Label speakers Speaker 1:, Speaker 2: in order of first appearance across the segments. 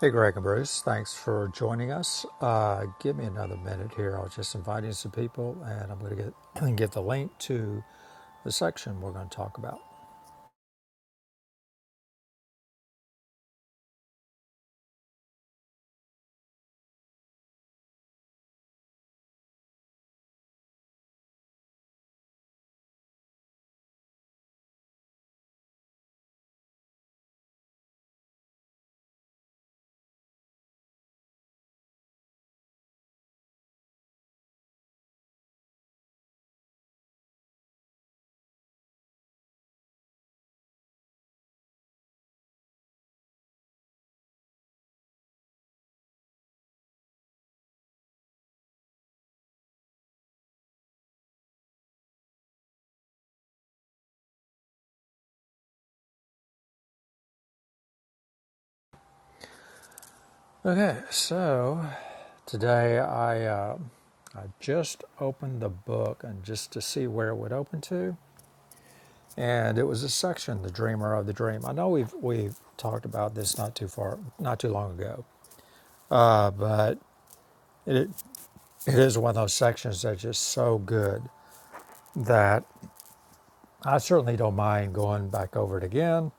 Speaker 1: Hey, Greg and Bruce, thanks for joining us. Uh, give me another minute here. I was just inviting some people, and I'm going to get get the link to the section we're going to talk about. Okay, so today I uh, I just opened the book and just to see where it would open to, and it was a section, "The Dreamer of the Dream." I know we've we've talked about this not too far, not too long ago, uh, but it it is one of those sections that's just so good that I certainly don't mind going back over it again,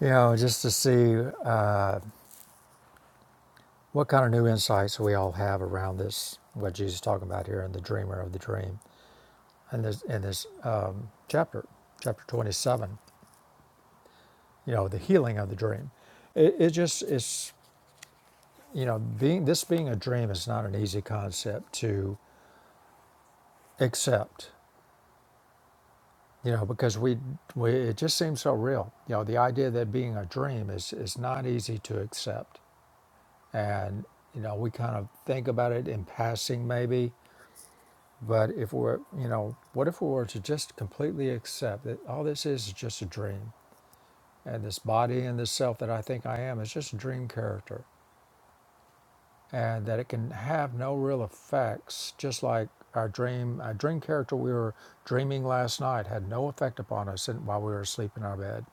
Speaker 1: you know, just to see uh, what kind of new insights we all have around this, what Jesus is talking about here in the dreamer of the dream, and this in this uh, chapter, chapter 27, you know, the healing of the dream. It, it just is, you know, being this being a dream is not an easy concept to accept, you know, because we, we it just seems so real. You know, the idea that being a dream is is not easy to accept and you know we kind of think about it in passing maybe but if we're you know what if we were to just completely accept that all this is is just a dream and this body and this self that i think i am is just a dream character and that it can have no real effects just like our dream our dream character we were dreaming last night had no effect upon us in- while we were asleep in our bed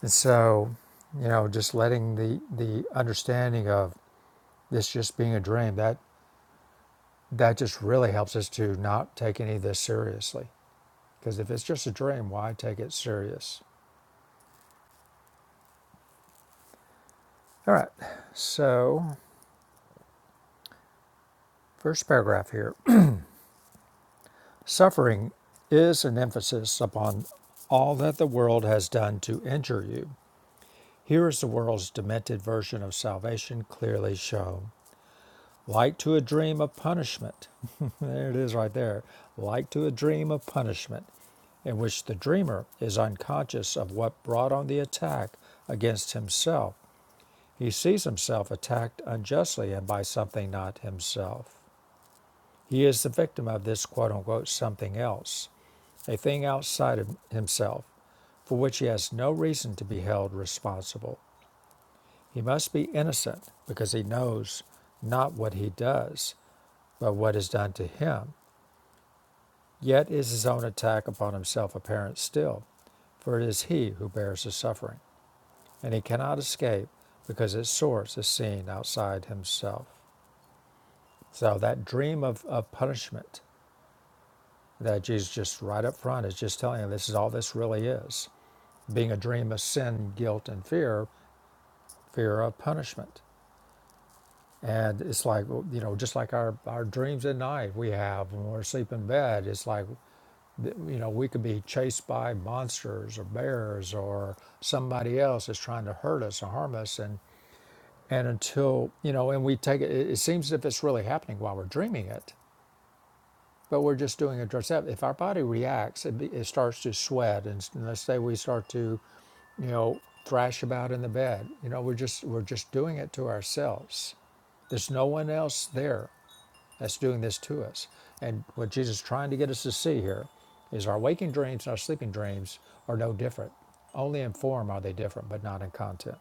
Speaker 1: and so you know just letting the the understanding of this just being a dream that. that just really helps us to not take any of this seriously. Because if it's just a dream, why take it serious? All right, so first paragraph here suffering is an emphasis upon all that the world has done to injure you. Here is the world's demented version of salvation clearly shown. Like to a dream of punishment. there it is right there. Like to a dream of punishment, in which the dreamer is unconscious of what brought on the attack against himself He sees himself attacked unjustly and by something not himself. He is the victim of this quote unquote something else, a thing outside of himself for which he has no reason to be held responsible. He must be innocent because he knows not what he does, but what is done to him. Yet is his own attack upon himself apparent still, for it is he who bears the suffering, and he cannot escape because its source is seen outside himself. So that dream of, of punishment that Jesus just right up front is just telling him this is all this really is. Being a dream of sin, guilt, and fear, fear of punishment. And it's like, you know, just like our, our dreams at night we have when we're asleep in bed, it's like, you know, we could be chased by monsters or bears or somebody else is trying to hurt us or harm us. And, and until, you know, and we take it it seems as if it's really happening while we're dreaming it But we're just doing a dress up. If our body reacts, it, be, it starts to sweat, and, and let's say we start to, you know, thrash about in the bed. You know, we're just we're just doing it to ourselves. There's no one else there that's doing this to us. And what Jesus is trying to get us to see here is our waking dreams and our sleeping dreams are no different. Only in form are they different, but not in content.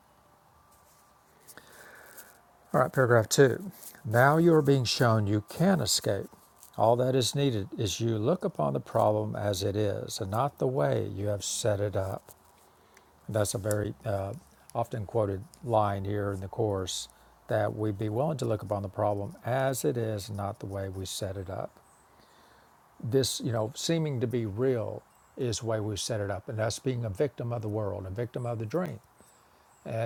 Speaker 1: All right, paragraph two. Now you are being shown you can escape. All that is needed is you look upon the problem as it is and not the way you have set it up. That's a very uh, often quoted line here in the Course that we be willing to look upon the problem as it is, and not the way we set it up. This, you know, seeming to be real is the way we set it up. And that's being a victim of the world, a victim of the dream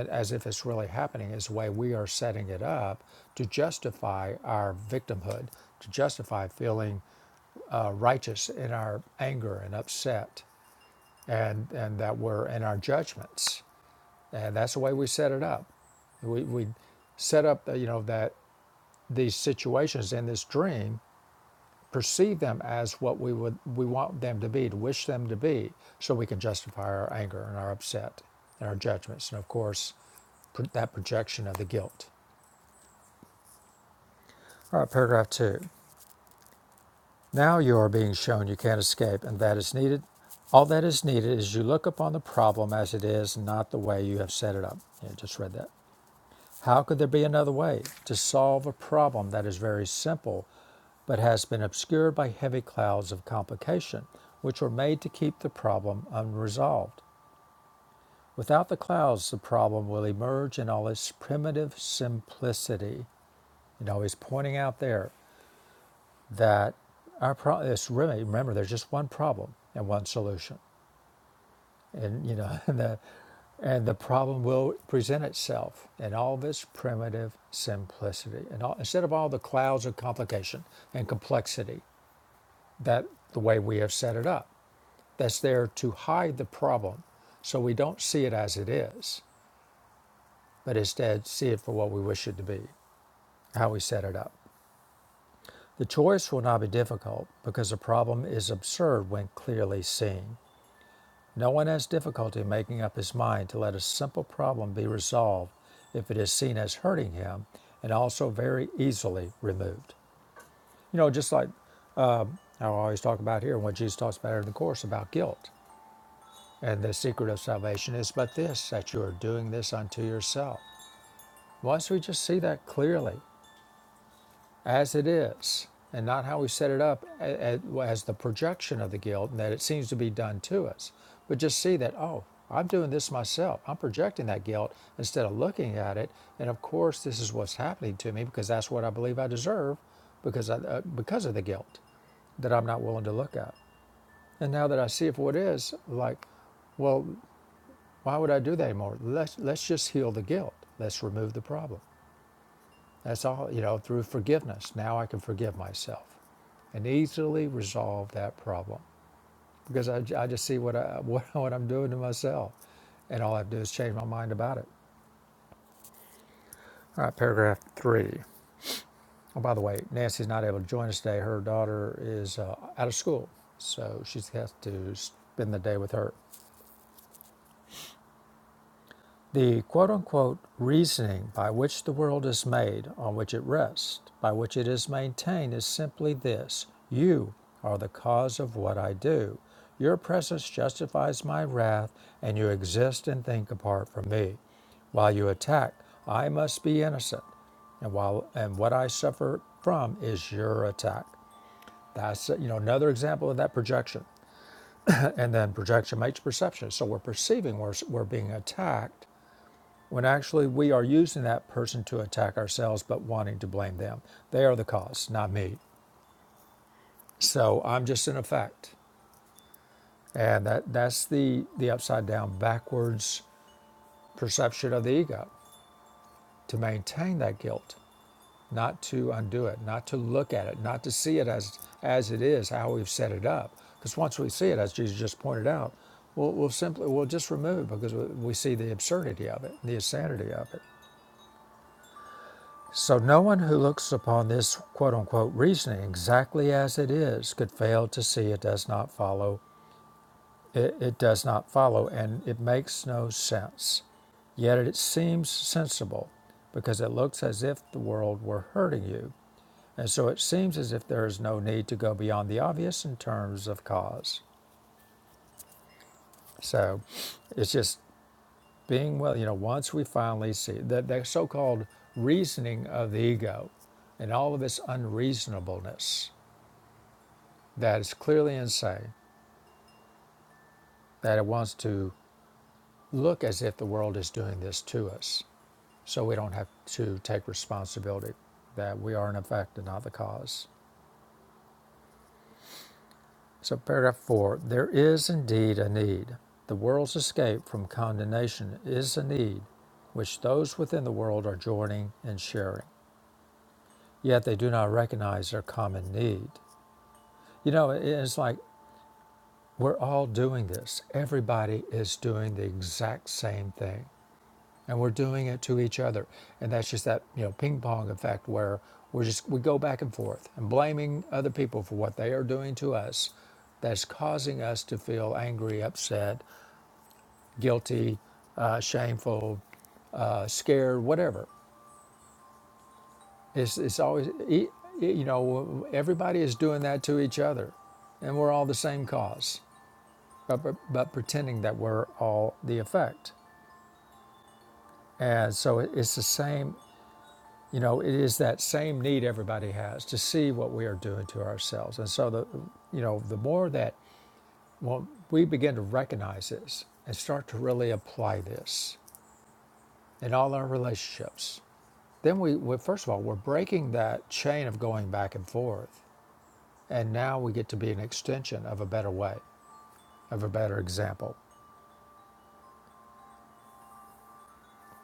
Speaker 1: as if it's really happening is the way we are setting it up to justify our victimhood, to justify feeling uh, righteous in our anger and upset, and and that we're in our judgments, and that's the way we set it up. We we set up uh, you know that these situations in this dream perceive them as what we would we want them to be, to wish them to be, so we can justify our anger and our upset and our judgments, and of course, that projection of the guilt. All right, paragraph two. Now you are being shown you can't escape, and that is needed. All that is needed is you look upon the problem as it is, not the way you have set it up. Yeah, just read that. How could there be another way to solve a problem that is very simple but has been obscured by heavy clouds of complication, which were made to keep the problem unresolved? Without the clouds, the problem will emerge in all its primitive simplicity. You know, he's pointing out there that our problem is really, remember, there's just one problem and one solution. and you know and the, and the problem will present itself in all of its primitive simplicity and all, instead of all the clouds of complication and complexity that the way we have set it up that's there to hide the problem so we don't see it as it is but instead see it for what we wish it to be how we set it up the choice will not be difficult because the problem is absurd when clearly seen No one has difficulty making up his mind to let a simple problem be resolved if it is seen as hurting him and also very easily removed. You know, just like I always talk about here, what Jesus talks about in the Course about guilt. And the secret of salvation is but this, that you are doing this unto yourself. Once we just see that clearly, as it is and not how we set it up as the projection of the guilt and that it seems to be done to us but just see that oh i'm doing this myself i'm projecting that guilt instead of looking at it and of course this is what's happening to me because that's what i believe i deserve because I, uh, because of the guilt that i'm not willing to look at and now that i see it for what it is like well why would i do that anymore let's let's just heal the guilt let's remove the problem that's all, you know, through forgiveness. Now I can forgive myself and easily resolve that problem because I, I just see what, I, what, what I'm doing to myself. And all I have to do is change my mind about it. All right, paragraph three. Oh, by the way, Nancy's not able to join us today. Her daughter is uh, out of school, so she has to spend the day with her. The quote unquote reasoning by which the world is made, on which it rests, by which it is maintained, is simply this You are the cause of what I do. Your presence justifies my wrath, and you exist and think apart from me. While you attack, I must be innocent. And while and what I suffer from is your attack. That's you know another example of that projection. And then projection makes perception. So we're perceiving we're, we're being attacked when actually we are using that person to attack ourselves but wanting to blame them. They are the cause, not me. So I'm just an effect. And that, that's the, the upside down, backwards perception of the ego to maintain that guilt, not to undo it, not to look at it, not to see it as, as it is, how we've set it up. Because once we see it, as Jesus just pointed out, we'll, we'll simply, we'll just remove because we we see the absurdity of it, the insanity of it. So no one who looks upon this quote unquote reasoning exactly as it is could fail to see it does not follow it, it does not follow and it makes no sense. Yet it seems sensible because it looks as if the world were hurting you. And so it seems as if there is no need to go beyond the obvious in terms of cause. So it's just being well, you know, once we finally see that the so called reasoning of the ego and all of its unreasonableness that is clearly insane, that it wants to look as if the world is doing this to us, so we don't have to take responsibility, that we are in effect and not the cause. So, paragraph four there is indeed a need. The world's escape from condemnation is a need which those within the world are joining and sharing, yet they do not recognize their common need. You know, it's like we're all doing this, everybody is doing the exact same thing. and we're doing it to each other and that's just that you know ping pong effect where we're just we go back and forth and blaming other people for what they are doing to us that's causing us to feel angry upset guilty uh, shameful uh, scared whatever it's, it's always e- e- you know everybody is doing that to each other and we're all the same cause but, but, but pretending that we're all the effect and so it's the same You know, it is that same need everybody has to see what we are doing to ourselves. And so, the, you know, the more that well, we begin to recognize this and start to really apply this in all our relationships, then we, we first of all, we're breaking that chain of going back and forth. And now we get to be an extension of a better way, of a better example.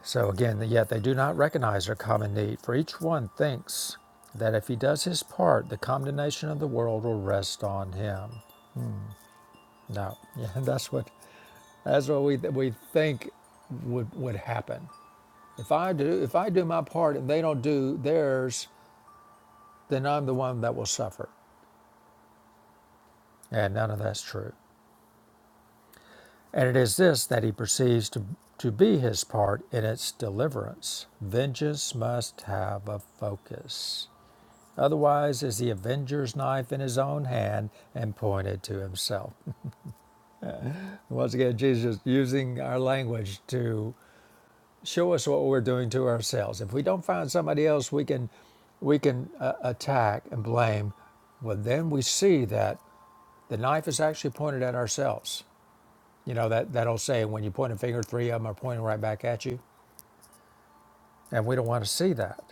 Speaker 1: So again, yet they do not recognize their common need, for each one thinks that if he does his part, the condemnation of the world will rest on him. No, yeah, that's what that's what we we think would would happen. If I do if I do my part and they don't do theirs, then I'm the one that will suffer. And none of that's true. And it is this that he perceives to to be his part in its deliverance. Vengeance must have a focus. Otherwise is the avenger's knife in his own hand and pointed to himself. Once again, Jesus using our language to show us what we're doing to ourselves. If we don't find somebody else we can we can uh, attack and blame, well then we see that the knife is actually pointed at ourselves. You know that that old saying when you point a finger, three of them are pointing right back at you, and we don't want to see that.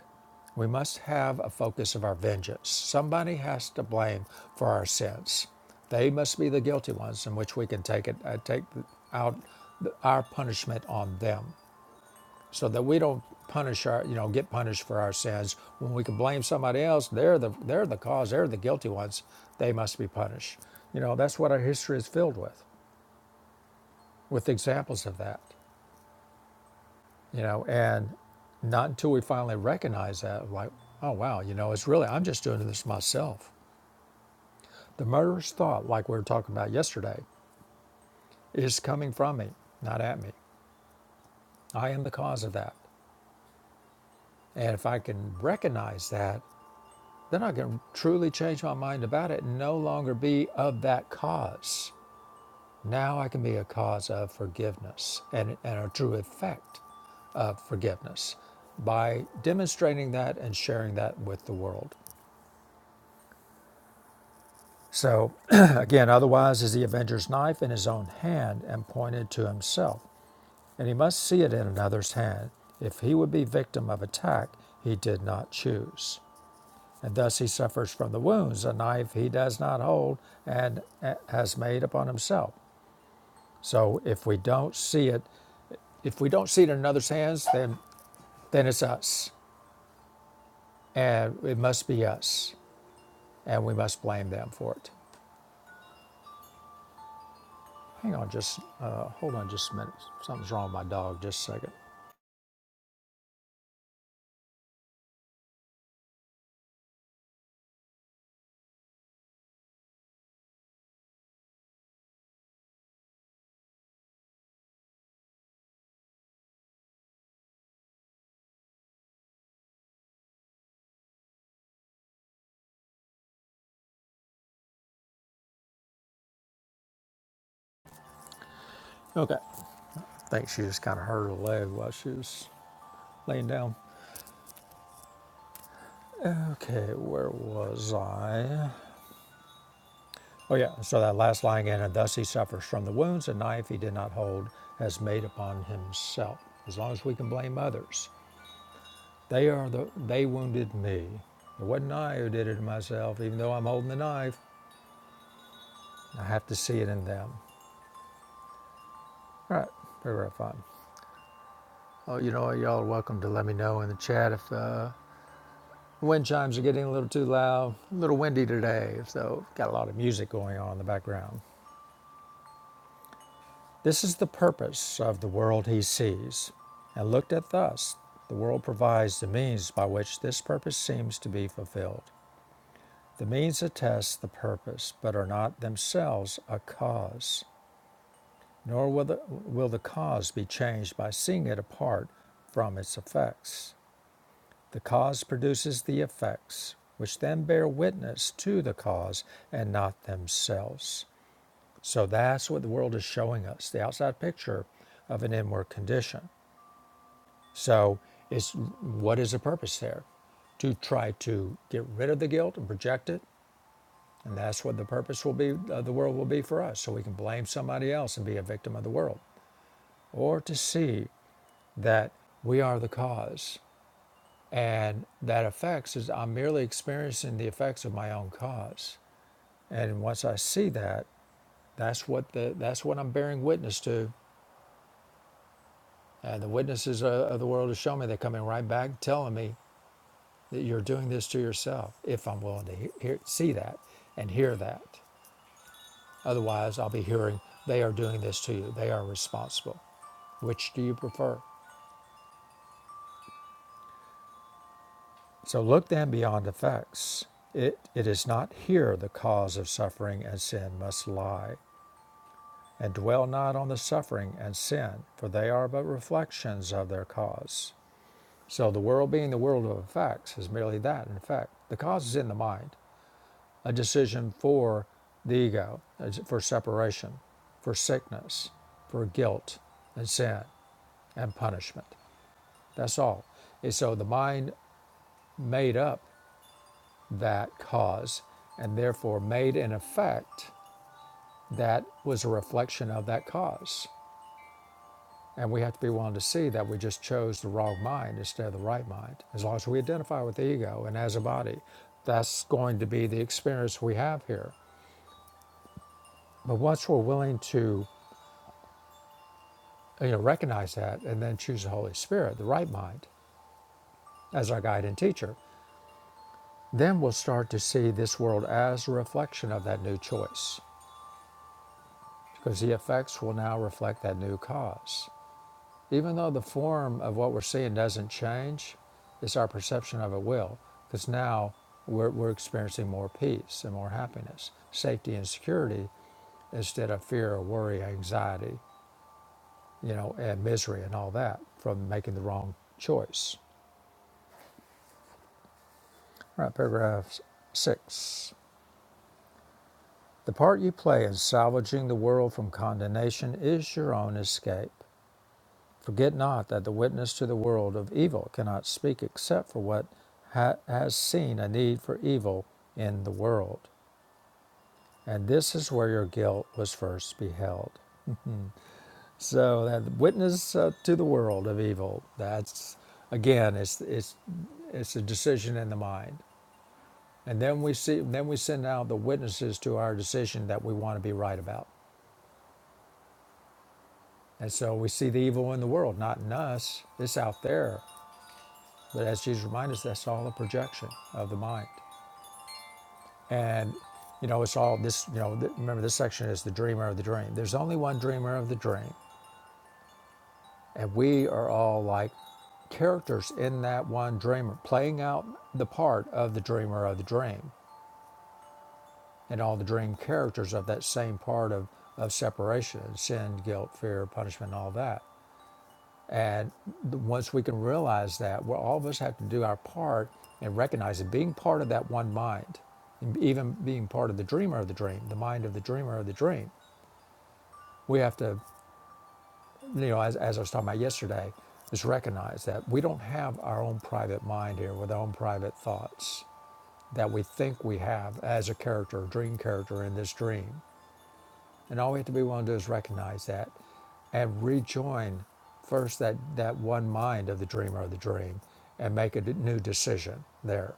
Speaker 1: We must have a focus of our vengeance. Somebody has to blame for our sins. They must be the guilty ones in which we can take it uh, take out our punishment on them. so that we don't punish our, you know, get punished for our sins. When we can blame somebody else, they're the they're the cause, they're the guilty ones. They must be punished. You know, that's what our history is filled with, with examples of that. You know, and not until we finally recognize that, like, oh wow, you know, it's really I'm just doing this myself. The murderous thought, like we were talking about yesterday, is coming from me, not at me. I am the cause of that. And if I can recognize that, Then I can truly change my mind about it and no longer be of that cause. Now I can be a cause of forgiveness and, and a true effect of forgiveness by demonstrating that and sharing that with the world. So, again, otherwise is the Avenger's knife in his own hand and pointed to himself, and he must see it in another's hand if he would be victim of attack he did not choose. And thus he suffers from the wounds a knife he does not hold and uh, has made upon himself. So if we don't see it, if we don't see it in another's hands, then then it's us, and it must be us, and we must blame them for it. Hang on, just uh, hold on, just a minute. Something's wrong with my dog. Just a second. Okay, I think she just kind of hurt her leg while she was laying down. Okay, where was I? Oh, yeah. So that last line in, and thus he suffers from the wounds a knife he did not hold has made upon himself. As long as we can blame others, they are the they wounded me. It wasn't I who did it to myself, even though I'm holding the knife. I have to see it in them. All right, very very fun. Oh, you know, y'all are welcome to let me know in the chat if uh, the wind chimes are getting a little too loud. A little windy today, so got a lot of music going on in the background. This is the purpose of the world he sees, and looked at thus, the world provides the means by which this purpose seems to be fulfilled. The means attest the purpose, but are not themselves a cause, nor will the, will the cause be changed by seeing it apart from its effects. The cause produces the effects, which then bear witness to the cause and not themselves. So that's what the world is showing us the outside picture of an inward condition. So it's what is the purpose there? To try to get rid of the guilt and project it, and that's what the purpose will be. Of the world will be for us, so we can blame somebody else and be a victim of the world, or to see that we are the cause, and that affects is I'm merely experiencing the effects of my own cause, and once I see that, that's what the that's what I'm bearing witness to, and the witnesses uh, of the world have shown me. They're coming right back telling me that you're doing this to yourself if I'm willing to he- hear, see that and hear that. Otherwise, I'll be hearing they are doing this to you. They are responsible. Which do you prefer? So look then beyond effects. It, it is not here the cause of suffering and sin must lie, and dwell not on the suffering and sin, for they are but reflections of their cause. So the world being the world of effects is merely that, in effect. The cause is in the mind. a decision for the ego, for separation, for sickness, for guilt and sin and punishment. That's all. And so the mind made up that cause and therefore made an effect that was a reflection of that cause. And we have to be willing to see that we just chose the wrong mind instead of the right mind. As long as we identify with the ego and as a body, that's going to be the experience we have here. But once we're willing to you know, recognize that and then choose the Holy Spirit, the right mind, as our guide and teacher, then we'll start to see this world as a reflection of that new choice because the effects will now reflect that new cause. Even though the form of what we're seeing doesn't change, it's our perception of it will because now we're, we're experiencing more peace and more happiness, safety and security instead of fear worry, anxiety, you know, and misery and all that from making the wrong choice. All right, paragraph six. The part you play in salvaging the world from condemnation is your own escape. Forget not that the witness to the world of evil cannot speak except for what ha- has seen a need for evil in the world. And this is where your guilt was first beheld. So that witness uh, to the world of evil, that's again, it's, it's, it's a decision in the mind. And then we see then we send out the witnesses to our decision that we want to be right about. And so we see the evil in the world, not in us. It's out there. But as Jesus reminds us, that's all a projection of the mind. And you know, it's all this, you know, th- remember this section is the dreamer of the dream. There's only one dreamer of the dream. And we are all like characters in that one dreamer, playing out the part of the dreamer of the dream. and all the dream characters of that same part of, of separation sin, guilt, fear, punishment, all that. And once we can realize that, well, all of us have to do our part and recognize it, being part of that one mind, even being part of the dreamer of the dream, the mind of the dreamer of the dream. We have to, you know, as, as I was talking about yesterday, is recognize that we don't have our own private mind here with our own private thoughts that we think we have as a character, a dream character in this dream. And all we have to be willing to do is recognize that and rejoin first that, that one mind of the dreamer of the dream and make a d- new decision there.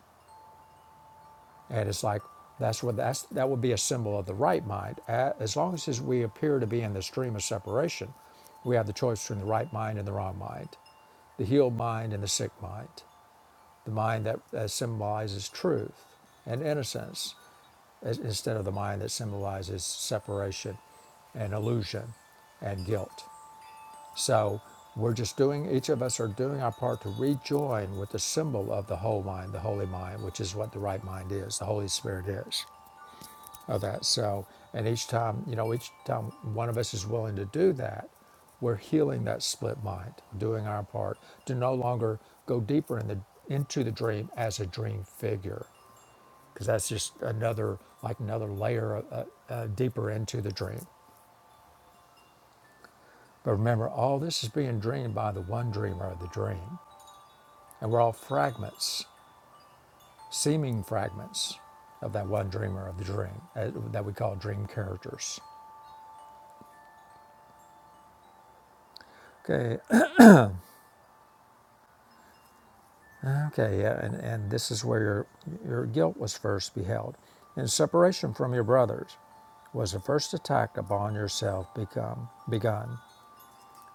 Speaker 1: And it's like, that's what that's, that would be a symbol of the right mind. A- As long as we appear to be in the stream of separation, we have the choice between the right mind and the wrong mind, the healed mind and the sick mind, the mind that, that symbolizes truth and innocence, instead of the mind that symbolizes separation and illusion and guilt. So we're just doing, each of us are doing our part to rejoin with the symbol of the whole mind, the holy mind, which is what the right mind is, the Holy Spirit is of that. So, and each time, you know, each time one of us is willing to do that, we're healing that split mind, doing our part to no longer go deeper in the, into the dream as a dream figure because that's just another like another layer uh, uh, uh, deeper into the dream but remember all this is being dreamed by the one dreamer of the dream and we're all fragments seeming fragments of that one dreamer of the dream uh, that we call dream characters okay okay yeah and, and this is where your your guilt was first beheld in separation from your brothers was the first attack upon yourself become begun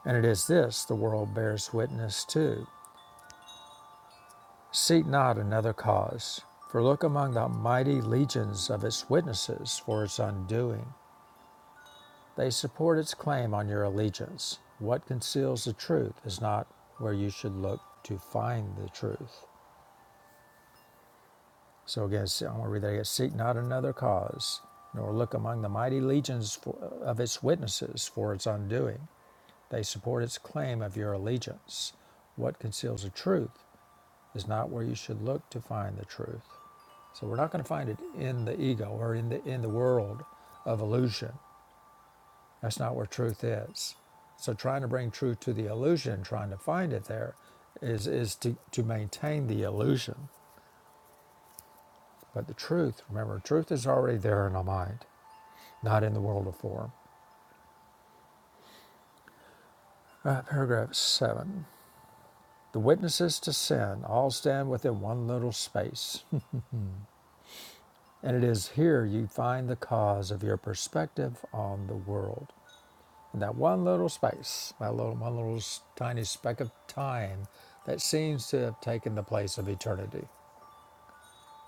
Speaker 1: and it is this the world bears witness to Seek not another cause, for look among the mighty legions of its witnesses for its undoing. They support its claim on your allegiance. What conceals the truth is not where you should look to find the truth. So again, I'm going to read that again. Seek not another cause, nor look among the mighty legions for, of its witnesses for its undoing. They support its claim of your allegiance. What conceals the truth is not where you should look to find the truth. So we're not going to find it in the ego or in the in the world of illusion. That's not where truth is. So trying to bring truth to the illusion, trying to find it there, is is to, to maintain the illusion. But the truth, remember, truth is already there in our mind, not in the world of form. Uh, paragraph seven. The witnesses to sin all stand within one little space, and it is here you find the cause of your perspective on the world. That one little space, that little one little tiny speck of time that seems to have taken the place of eternity.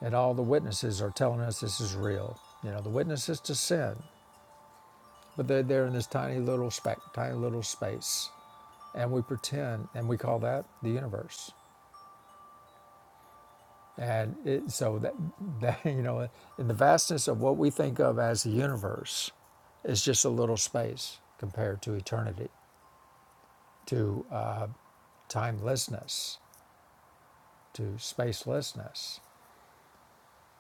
Speaker 1: And all the witnesses are telling us this is real. You know, the witnesses to sin, but they're there in this tiny little speck, tiny little space. And we pretend, and we call that the universe. And it, so that, that, you know, in the vastness of what we think of as the universe, it's just a little space compared to eternity, to uh, timelessness. to spacelessness,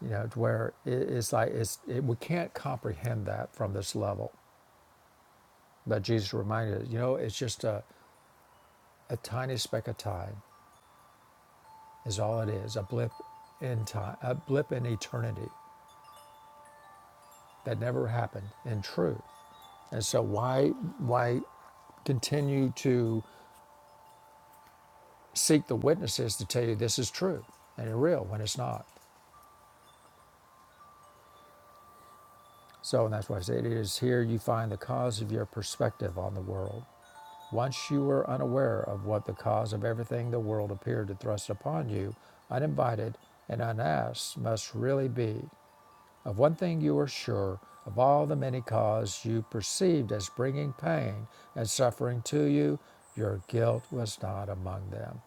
Speaker 1: you know, to where it's like it's, it, we can't comprehend that from this level. But Jesus reminded us, you know, it's just a, a tiny speck of time is all it is, a blip in time, a blip in eternity that never happened in truth. And so why why continue to seek the witnesses to tell you this is true and real when it's not? So and that's why I say it is here you find the cause of your perspective on the world. Once you were unaware of what the cause of everything the world appeared to thrust upon you, uninvited and unasked, must really be. Of one thing you were sure of all the many causes you perceived as bringing pain and suffering to you, your guilt was not among them.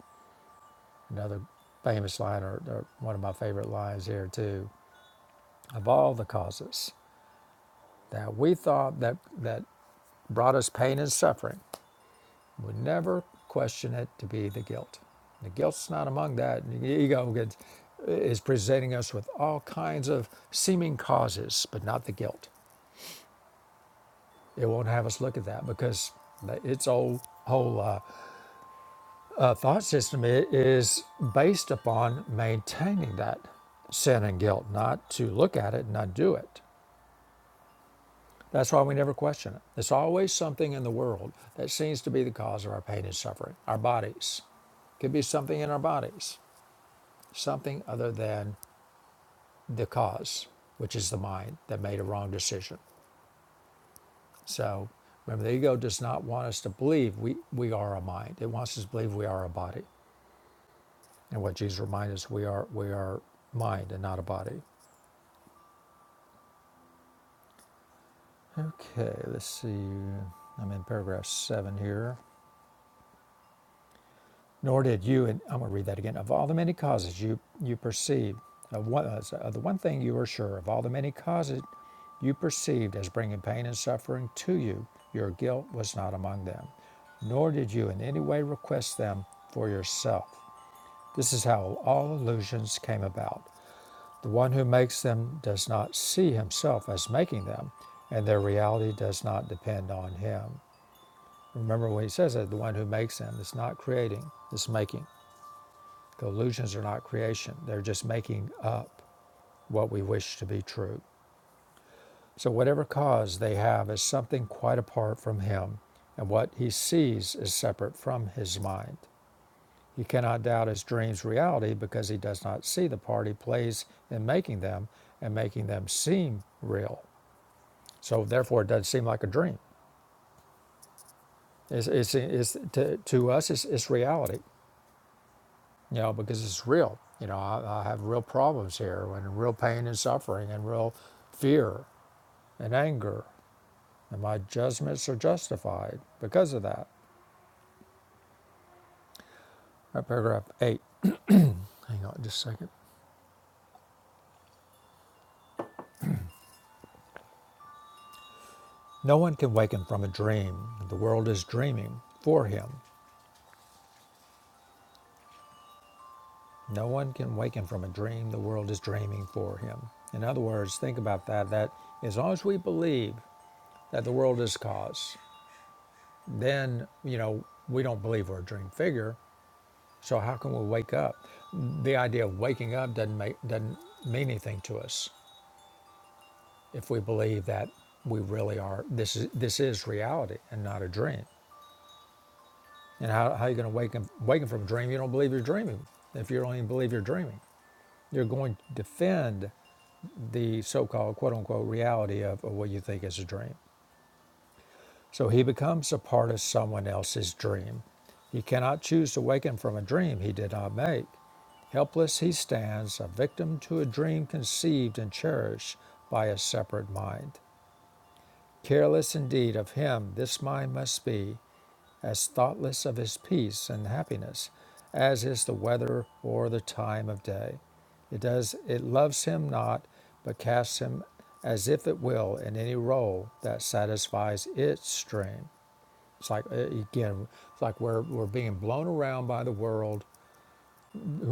Speaker 1: Another famous line, or, or one of my favorite lines here, too. Of all the causes that we thought that, that brought us pain and suffering, would never question it to be the guilt. The guilt's not among that. The ego gets, is presenting us with all kinds of seeming causes, but not the guilt. It won't have us look at that because its whole, whole uh, uh, thought system i- is based upon maintaining that sin and guilt, not to look at it and not do it. That's why we never question it. There's always something in the world that seems to be the cause of our pain and suffering, our bodies could be something in our bodies. something other than the cause, which is the mind that made a wrong decision. So remember, the ego does not want us to believe we, we are a mind. It wants us to believe we are a body. And what Jesus reminded us, we are we are mind and not a body. Okay, let's see. I'm in paragraph seven here. Nor did you, and I'm going to read that again, of all the many causes you, you perceived, of, one, of the one thing you were sure, of all the many causes you perceived as bringing pain and suffering to you, your guilt was not among them. Nor did you in any way request them for yourself. This is how all illusions came about. The one who makes them does not see himself as making them, and their reality does not depend on him. Remember when he says that the one who makes them is not creating, is making. The illusions are not creation, they're just making up what we wish to be true. So, whatever cause they have is something quite apart from him, and what he sees is separate from his mind. He cannot doubt his dreams' reality because he does not see the part he plays in making them and making them seem real. So, therefore, it doesn't seem like a dream. It's, it's, it's, to, to us, it's, it's reality. you know, because it's real. You know, I, I have real problems here and real pain and suffering and real fear and anger. And my judgments are justified because of that. Right, paragraph eight. Hang on just a second. No one can waken from a dream. The world is dreaming for him. No one can waken from a dream. The world is dreaming for him. In other words, think about that. That as long as we believe that the world is cause, then, you know, we don't believe we're a dream figure So how can we wake up? The idea of waking up doesn't make doesn't mean anything to us if we believe that we really are this is this is reality and not a dream. And how, how are you going to wake up waking from a dream? You don't believe you're dreaming. If you don't even believe you're dreaming, you're going to defend the so-called quote unquote reality of, of what you think is a dream. So he becomes a part of someone else's dream. He cannot choose to waken from a dream he did not make. Helpless he stands, a victim to a dream conceived and cherished by a separate mind. Careless indeed of him this mind must be, as thoughtless of his peace and happiness as is the weather or the time of day. It does it loves him not, but casts him as if it will in any role that satisfies its dream. It's like uh, again, it's like we're we're being blown around by the world.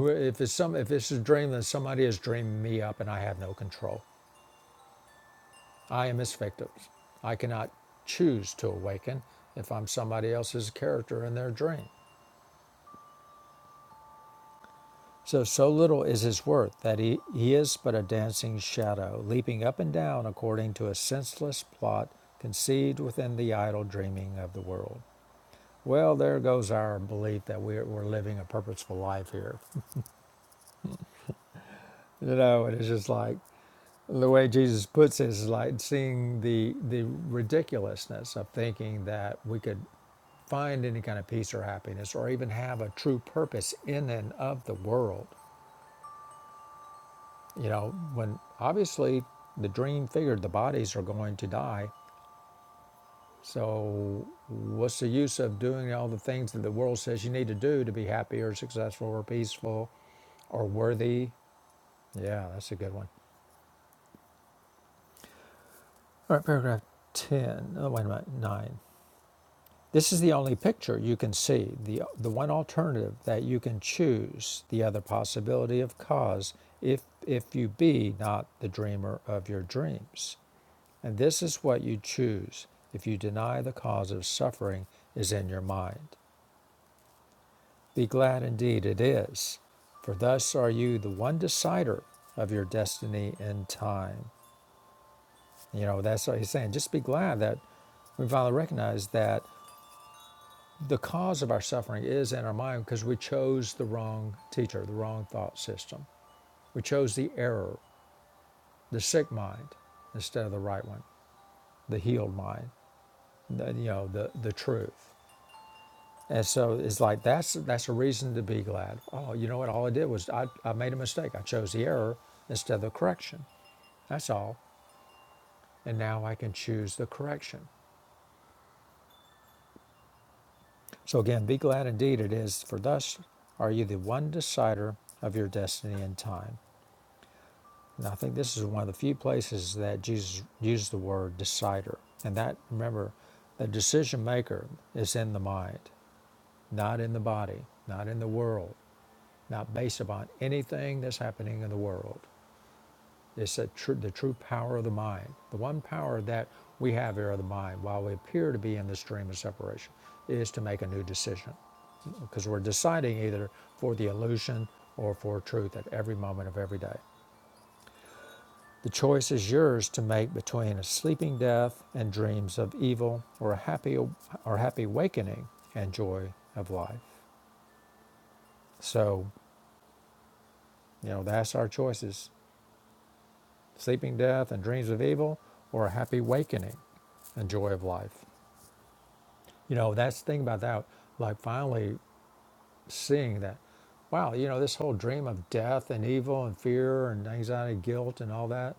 Speaker 1: If it's some, if it's a dream, then somebody has dreamed me up, and I have no control. I am its victim. I cannot choose to awaken if I'm somebody else's character in their dream. So so little is his worth that he, he is but a dancing shadow, leaping up and down according to a senseless plot conceived within the idle dreaming of the world. Well, there goes our belief that we're, we're living a purposeful life here you know and it's just like the way jesus puts it is like seeing the the ridiculousness of thinking that we could find any kind of peace or happiness or even have a true purpose in and of the world you know when obviously the dream figured the bodies are going to die so what's the use of doing all the things that the world says you need to do to be happy or successful or peaceful or worthy yeah that's a good one all right paragraph 10 oh wait a minute 9 This is the only picture you can see, the, the one alternative that you can choose, the other possibility of cause, if, if you be not the dreamer of your dreams. And this is what you choose if you deny the cause of suffering is in your mind. Be glad indeed it is, for thus are you the one decider of your destiny in time. You know, that's what he's saying. Just be glad that we finally recognize that the cause of our suffering is in our mind because we chose the wrong teacher, the wrong thought system. We chose the error, the sick mind, instead of the right one, the healed mind, the, you know, the, the truth. And so it's like that's that's a reason to be glad. Oh, you know what? All I did was I, I made a mistake. I chose the error instead of the correction. That's all. And now I can choose the correction. So again, be glad indeed it is, for thus are you the one decider of your destiny in time. And I think this is one of the few places that Jesus used the word decider. And that, remember, the decision maker is in the mind, not in the body, not in the world, not based upon anything that's happening in the world. It's a tr- the true power of the mind. The one power that we have here of the mind, while we appear to be in the stream of separation, is to make a new decision. Because we're deciding either for the illusion or for truth at every moment of every day. The choice is yours to make between a sleeping death and dreams of evil or a happy or happy awakening and joy of life. So, you know, that's our choices. Sleeping death and dreams of evil or a happy awakening and joy of life. You know, that's the thing about that, like finally seeing that, wow, you know, this whole dream of death and evil and fear and anxiety, guilt and all that,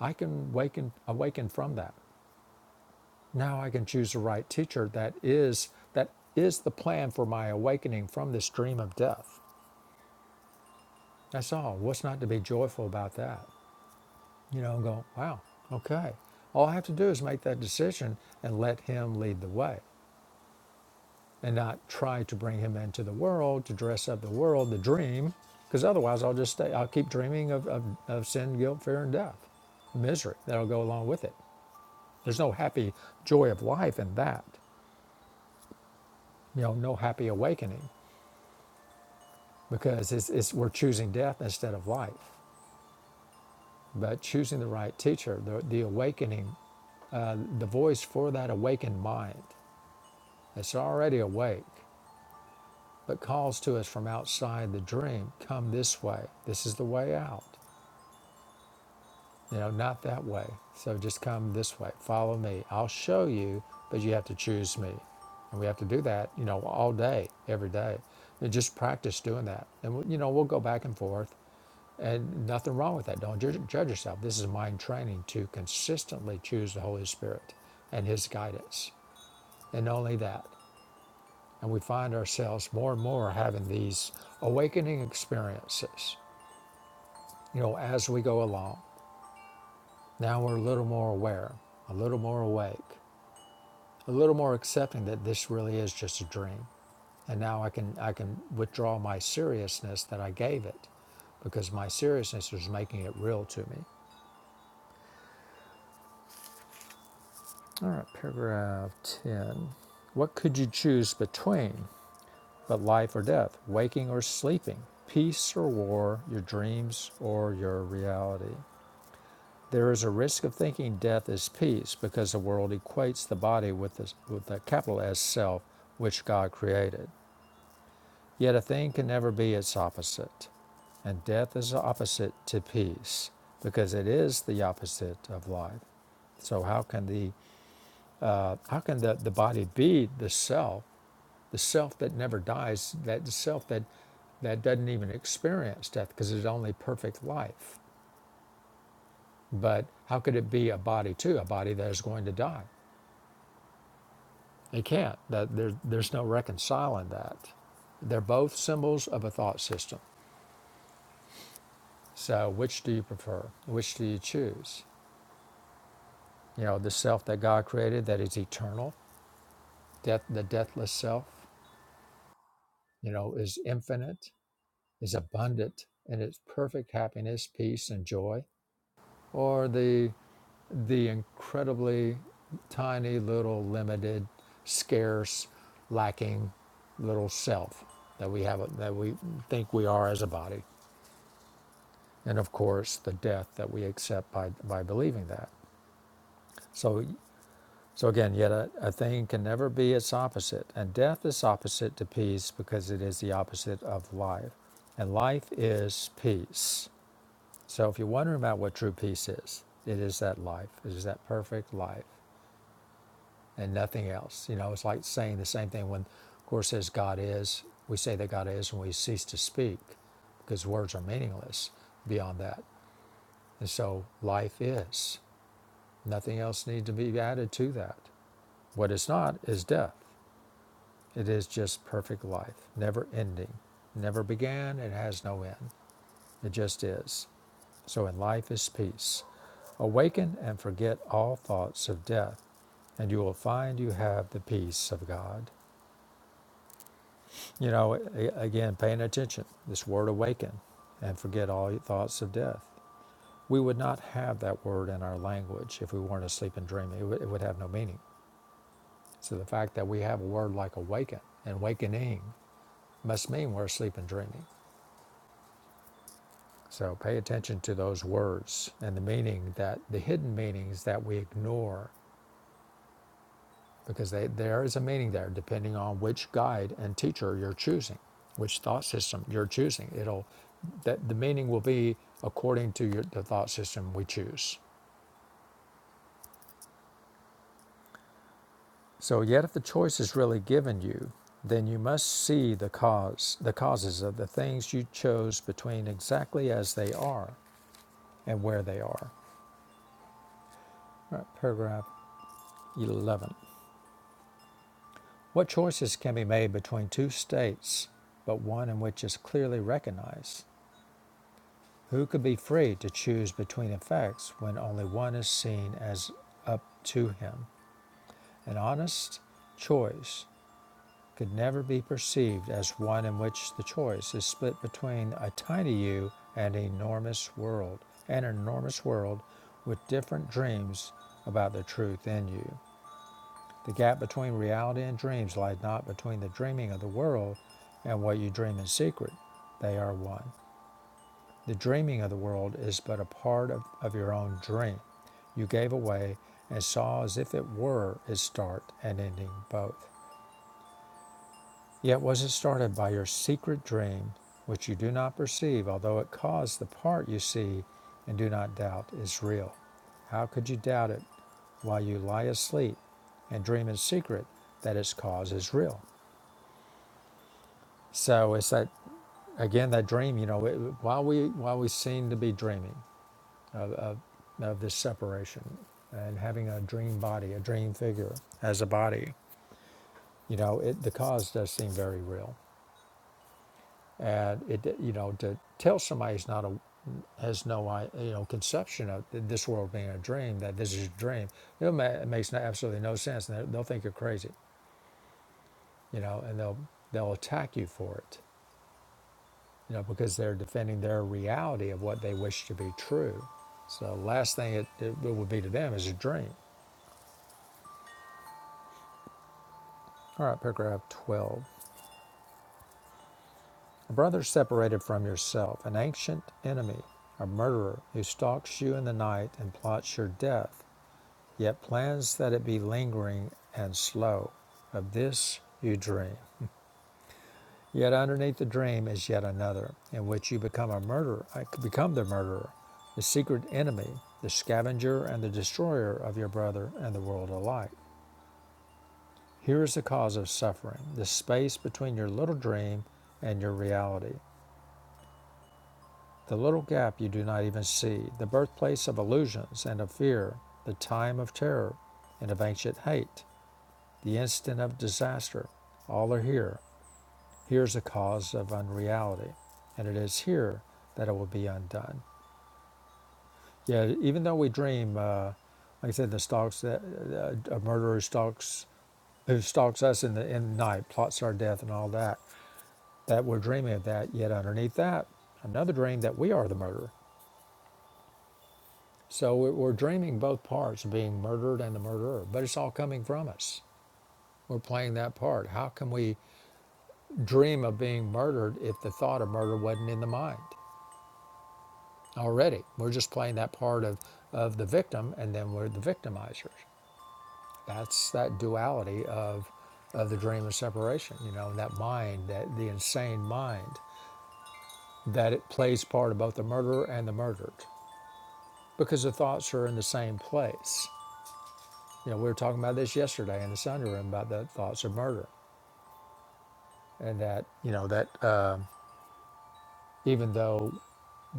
Speaker 1: I can awaken awaken from that. Now I can choose the right teacher that is that is the plan for my awakening from this dream of death. That's all. What's not to be joyful about that? You know, go, wow, okay. All I have to do is make that decision and let him lead the way and not try to bring him into the world to dress up the world, the dream, because otherwise I'll just stay, I'll keep dreaming of, of, of sin, guilt, fear, and death, misery that'll go along with it. There's no happy joy of life in that, you know, no happy awakening. because it's, it's, we're choosing death instead of life. But choosing the right teacher, the, the awakening, the voice for that awakened mind that's already awake, but calls to us from outside the dream, come this way. This is the way out. You know, not that way. So just come this way. Follow me. I'll show you, but you have to choose me. And we have to do that, you know, all day, every day. And just practice doing that. And, you know, we'll go back and forth. And nothing wrong with that. Don't judge, judge yourself. This is mind training to consistently choose the Holy Spirit and His guidance. And only that. And we find ourselves more and more having these awakening experiences, you know, as we go along. Now we're a little more aware, a little more awake, a little more accepting that this really is just a dream. And now I can I can withdraw my seriousness that I gave it because my seriousness was making it real to me. All right, paragraph 10. What could you choose between but life or death, waking or sleeping, peace or war, your dreams or your reality? There is a risk of thinking death is peace because the world equates the body with, the, with the capital S self, which God created. Yet a thing can never be its opposite. And death is the opposite to peace because it is the opposite of life. So, how can the uh, how can the, the body be the self, the self that never dies, that the self that that doesn't even experience death because it's only perfect life? But how could it be a body too, a body that is going to die? It can't. That there, there's no reconciling that. They're both symbols of a thought system. So which do you prefer? Which do you choose? You know, the self that God created that is eternal, death the deathless self, you know, is infinite is abundant in its perfect happiness, peace, and joy, or the the incredibly tiny little limited, scarce, lacking little self that we have that we think we are as a body, and of course the death that we accept by by believing that. So so again, yet a, a thing can never be its opposite, and death is opposite to peace because it is the opposite of life, and life is peace. So if you're wondering about what true peace is, it is that life. It is that perfect life and nothing else. You know, it's like saying the same thing when of course says God is, we say that God is and we cease to speak because words are meaningless beyond that. And so life is. Nothing else needs to be added to that. What is not is death. It is just perfect life, never ending, never began, it has no end. It just is. So in life is peace. Awaken and forget all thoughts of death, and you will find you have the peace of God. You know, again, paying attention, this word awaken and forget all thoughts of death. We would not have that word in our language if we weren't asleep and dreaming. It would, it would have no meaning. So the fact that we have a word like awaken and awakening must mean we're asleep and dreaming. So pay attention to those words and the meaning that the hidden meanings that we ignore because they, there is a meaning there depending on which guide and teacher you're choosing which thought system you're choosing it'll that the meaning will be according to your, the thought system we choose so yet if the choice is really given you then you must see the cause the causes of the things you chose between exactly as they are and where they are All right, paragraph 11 what choices can be made between two states but one in which is clearly recognized Who could be free to choose between effects when only one is seen as up to him? An honest choice could never be perceived as one in which the choice is split between a tiny you and an enormous world, and an enormous world with different dreams about the truth in you. The gap between reality and dreams lies not between the dreaming of the world and what you dream in secret. They are one. The dreaming of the world is but a part of, of your own dream. You gave away and saw as if it were its start and ending both. Yet was it started by your secret dream, which you do not perceive, although it caused the part you see and do not doubt is real? How could you doubt it while you lie asleep and dream in secret that its cause is real? So it's that again that dream. You know, it, while we while we seem to be dreaming. of, of this separation and having a dream body, a dream figure as a body, you know, it, the cause does seem very real. And it, you know, to tell somebody who's not a, has no, i- you know, conception of this world being a dream, that this is a dream, it, makes no, absolutely no sense. And they'll they'll think you're crazy, you know, and they'll, they'll attack you for it, you know, because they're defending their reality of what they wish to be true. So last thing it, it would be to them is a dream. All right, paragraph 12. A brother separated from yourself, an ancient enemy, a murderer who stalks you in the night and plots your death, yet plans that it be lingering and slow. Of this you dream. Yet underneath the dream is yet another, in which you become a murderer, uh, become the murderer, the secret enemy, the scavenger and the destroyer of your brother and the world alike. Here is the cause of suffering, the space between your little dream and your reality. The little gap you do not even see, the birthplace of illusions and of fear, the time of terror and of ancient hate, the instant of disaster, all are here. Here's the cause of unreality, and it is here that it will be undone. Yet, even though we dream, uh, like I said, the stalks that uh, a murderer stalks who stalks us in the in night, plots our death, and all that, that we're dreaming of that. Yet underneath that, another dream that we are the murderer. So we- are dreaming both parts, being murdered and the murderer, but it's all coming from us. We're playing that part. How can we dream of being murdered if the thought of murder wasn't in the mind already? We're just playing that part of, of the victim and then we're the victimizers. That's that duality of, of the dream of separation, you know, that mind, that the insane mind, that it plays part of both the murderer and the murdered because the thoughts are in the same place. You know, we were talking about this yesterday in the Sunday room about the thoughts of murder, and that you know that um even though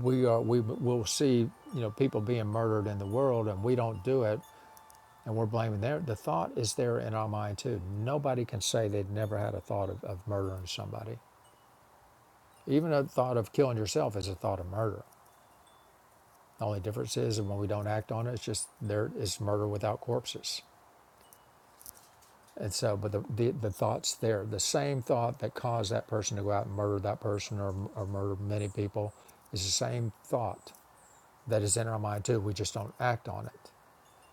Speaker 1: we are we will see you know people being murdered in the world, and we don't do it, and we're blaming there. The thought is there in our mind too. Nobody can say they've never had a thought of, of murdering somebody. Even a thought of killing yourself is a thought of murder. The only difference is, and when we don't act on it, it's just there is murder without corpses. And so, but the, the, the thought's there. The same thought that caused that person to go out and murder that person or, or murder many people is the same thought that is in our mind too. We just don't act on it.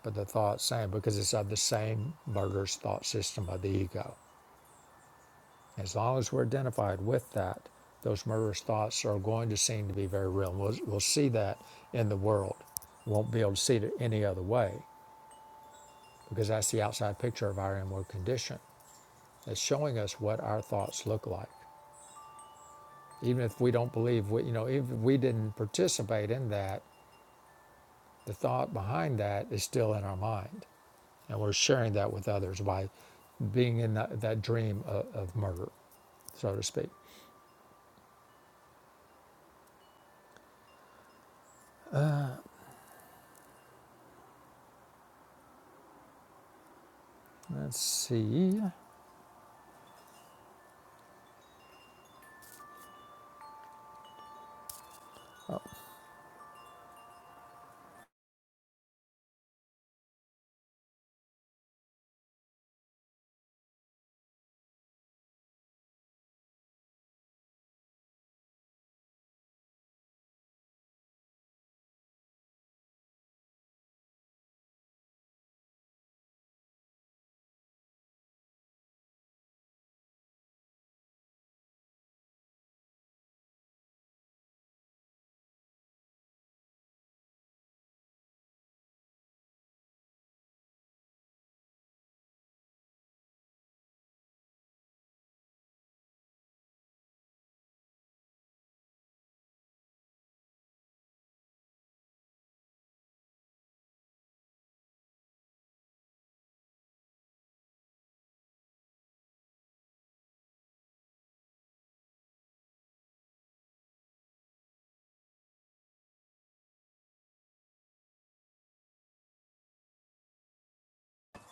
Speaker 1: But the thought's same because it's of the same murderous thought system of the ego. As long as we're identified with that, those murderous thoughts are going to seem to be very real. We'll, we'll see that in the world. We won't be able to see it any other way because that's the outside picture of our inward condition. It's showing us what our thoughts look like. even if we don't believe we, you know even if we didn't participate in that the thought behind that is still in our mind and we're sharing that with others by being in that, that dream of, of murder so to speak let's see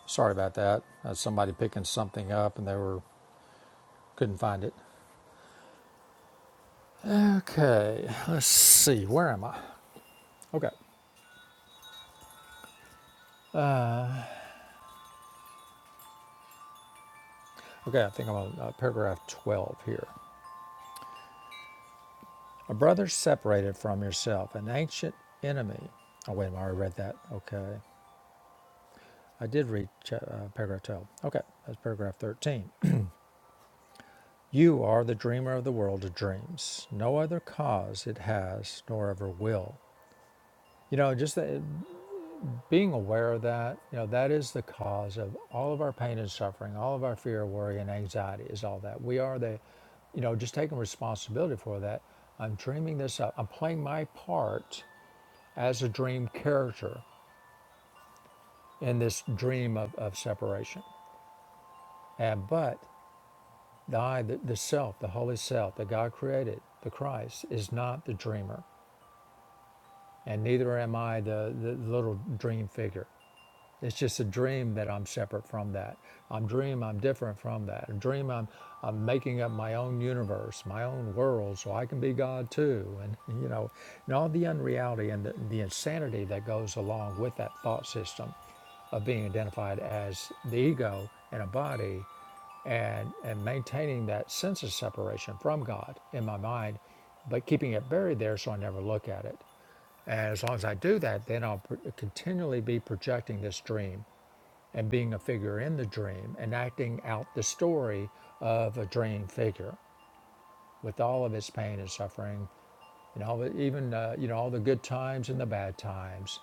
Speaker 1: sorry about that That's somebody picking something up and they were couldn't find it okay let's see where am i okay okay i think i'm on uh, paragraph 12 here a brother separated from yourself an ancient enemy oh wait a minute, i already read that okay I did read uh, paragraph 12. Okay, that's paragraph 13. You are the dreamer of the world of dreams. No other cause it has nor ever will. You know, just that, being aware of that, you know, that is the cause of all of our pain and suffering, all of our fear, worry, and anxiety is all that. We are the, you know, just taking responsibility for that. I'm dreaming this up. I'm playing my part as a dream character in this dream of, of separation. And but I, the, the Self, the Holy Self that God created, the Christ, is not the dreamer, and neither am I the, the little dream figure. It's just a dream that I'm separate from that. I'm dream I'm different from that. A dream I'm I'm making up my own universe, my own world, so I can be God too. And you know, and all the unreality and the, the insanity that goes along with that thought system of being identified as the ego and a body and and maintaining that sense of separation from God in my mind, but keeping it buried there so I never look at it. And as long as I do that, then I'll pr- continually be projecting this dream and being a figure in the dream and acting out the story of a dream figure with all of its pain and suffering and all the, even uh, you know all the good times and the bad times,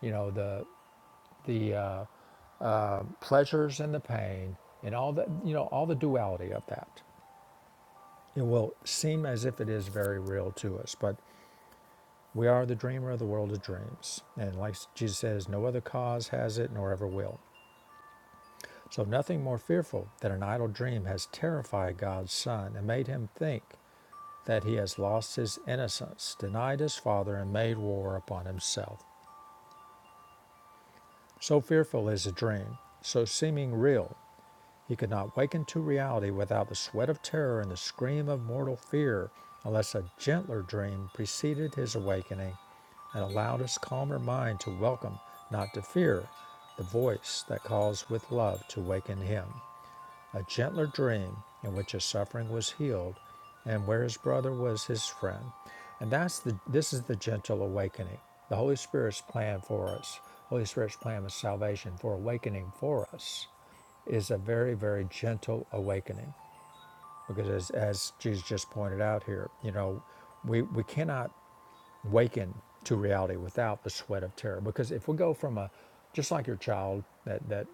Speaker 1: you know the the uh, pleasures and the pain and all the you know all the duality of that. It will seem as if it is very real to us, but we are the dreamer of the world of dreams, and like Jesus says, no other cause has it nor ever will. So nothing more fearful than an idle dream has terrified God's Son and made him think that he has lost his innocence, denied his Father, and made war upon himself. So fearful is a dream, so seeming real, he could not waken to reality without the sweat of terror and the scream of mortal fear, unless a gentler dream preceded his awakening and allowed his calmer mind to welcome, not to fear, the voice that calls with love to waken him. a gentler dream in which his suffering was healed and where his brother was his friend. And that's the this is the gentle awakening. The Holy Spirit's plan for us, Holy Spirit's plan of salvation for awakening for us is a very, very gentle awakening. Because as, as Jesus just pointed out here, you know, we, we cannot waken to reality without the sweat of terror. Because if we go from a, just like your child that, that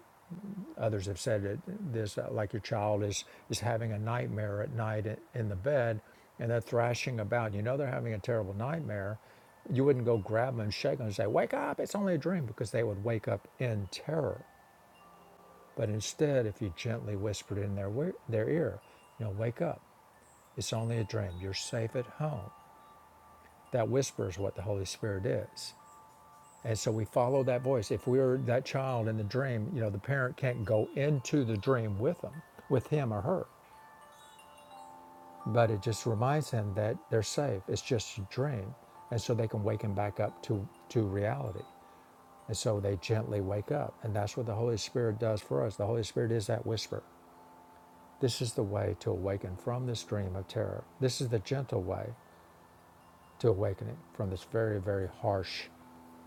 Speaker 1: Others have said that this, uh, like your child is is having a nightmare at night in the bed, and they're thrashing about. You know they're having a terrible nightmare. You wouldn't go grab them and shake them and say, "Wake up! It's only a dream," because they would wake up in terror. But instead, if you gently whispered in their their ear, you know, "Wake up! It's only a dream. You're safe at home." That whisper is what the Holy Spirit is. And so we follow that voice. If we're that child in the dream, you know, the parent can't go into the dream with them, with him or her. But it just reminds them that they're safe. It's just a dream. And so they can wake him back up to, to reality. And so they gently wake up. And that's what the Holy Spirit does for us. The Holy Spirit is that whisper. This is the way to awaken from this dream of terror. This is the gentle way to awakening from this very, very harsh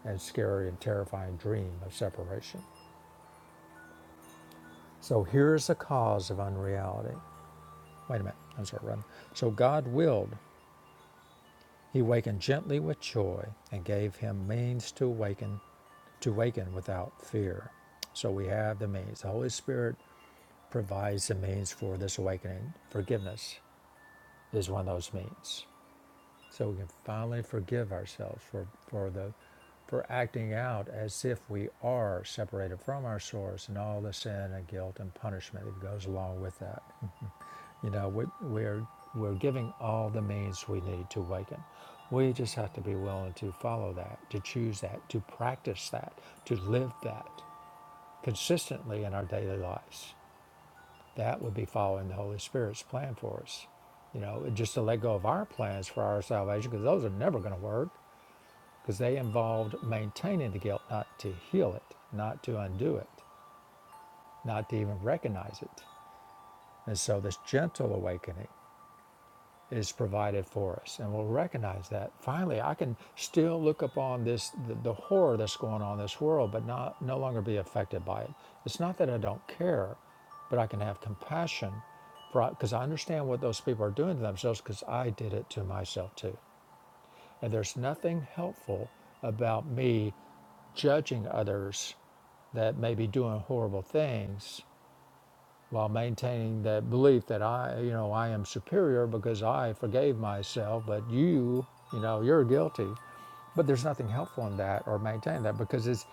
Speaker 1: and scary and terrifying dream of separation. So here's the cause of unreality. Wait a minute, I'm sorry, Robin. So God willed. He wakened gently with joy and gave him means to awaken, to waken without fear. So we have the means. The Holy Spirit provides the means for this awakening. Forgiveness is one of those means. So we can finally forgive ourselves for, for the for acting out as if we are separated from our source and all the sin and guilt and punishment that goes along with that. You know, we, we're we're giving all the means we need to awaken. We just have to be willing to follow that, to choose that, to practice that, to live that consistently in our daily lives. That would be following the Holy Spirit's plan for us. You know, just to let go of our plans for our salvation, because those are never going to work, because they involved maintaining the guilt, not to heal it, not to undo it, not to even recognize it. And so, this gentle awakening is provided for us and we'll recognize that finally i can still look upon this the, the horror that's going on in this world but not no longer be affected by it it's not that i don't care but i can have compassion because i understand what those people are doing to themselves because i did it to myself too and there's nothing helpful about me judging others that may be doing horrible things while maintaining that belief that I, you know, I am superior because I forgave myself, but you, you know, you're guilty. But there's nothing helpful in that or maintaining that because it's,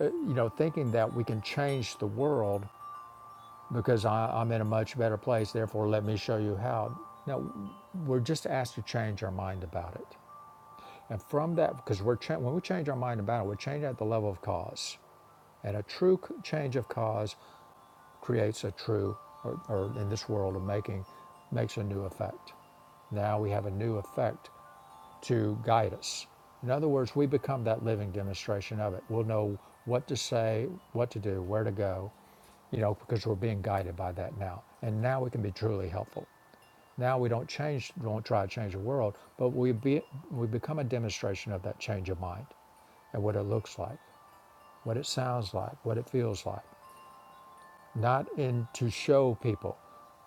Speaker 1: uh, you know, thinking that we can change the world because I, I'm in a much better place, therefore let me show you how. Now, we're just asked to change our mind about it. And from that, because we're cha- when we change our mind about it, we're changing at the level of cause. And a true change of cause creates a true, or, or in this world of making, makes a new effect. Now we have a new effect to guide us. In other words, we become that living demonstration of it. We'll know what to say, what to do, where to go, you know, because we're being guided by that now. And now we can be truly helpful. Now we don't change, don't try to change the world, but we be, we become a demonstration of that change of mind and what it looks like, what it sounds like, what it feels like not in to show people,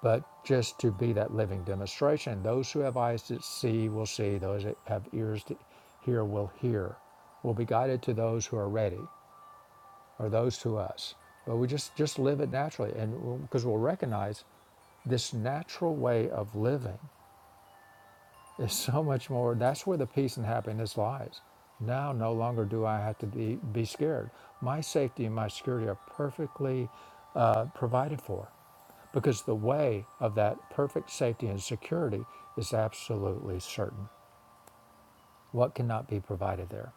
Speaker 1: but just to be that living demonstration. Those who have eyes to see will see, those that have ears to hear will hear, will be guided to those who are ready, or those to us. But we just just live it naturally, and because we'll recognize this natural way of living is so much more. That's where the peace and happiness lies. Now, no longer do I have to be, be scared. My safety and my security are perfectly uh, provided for because the way of that perfect safety and security is absolutely certain. What cannot be provided there?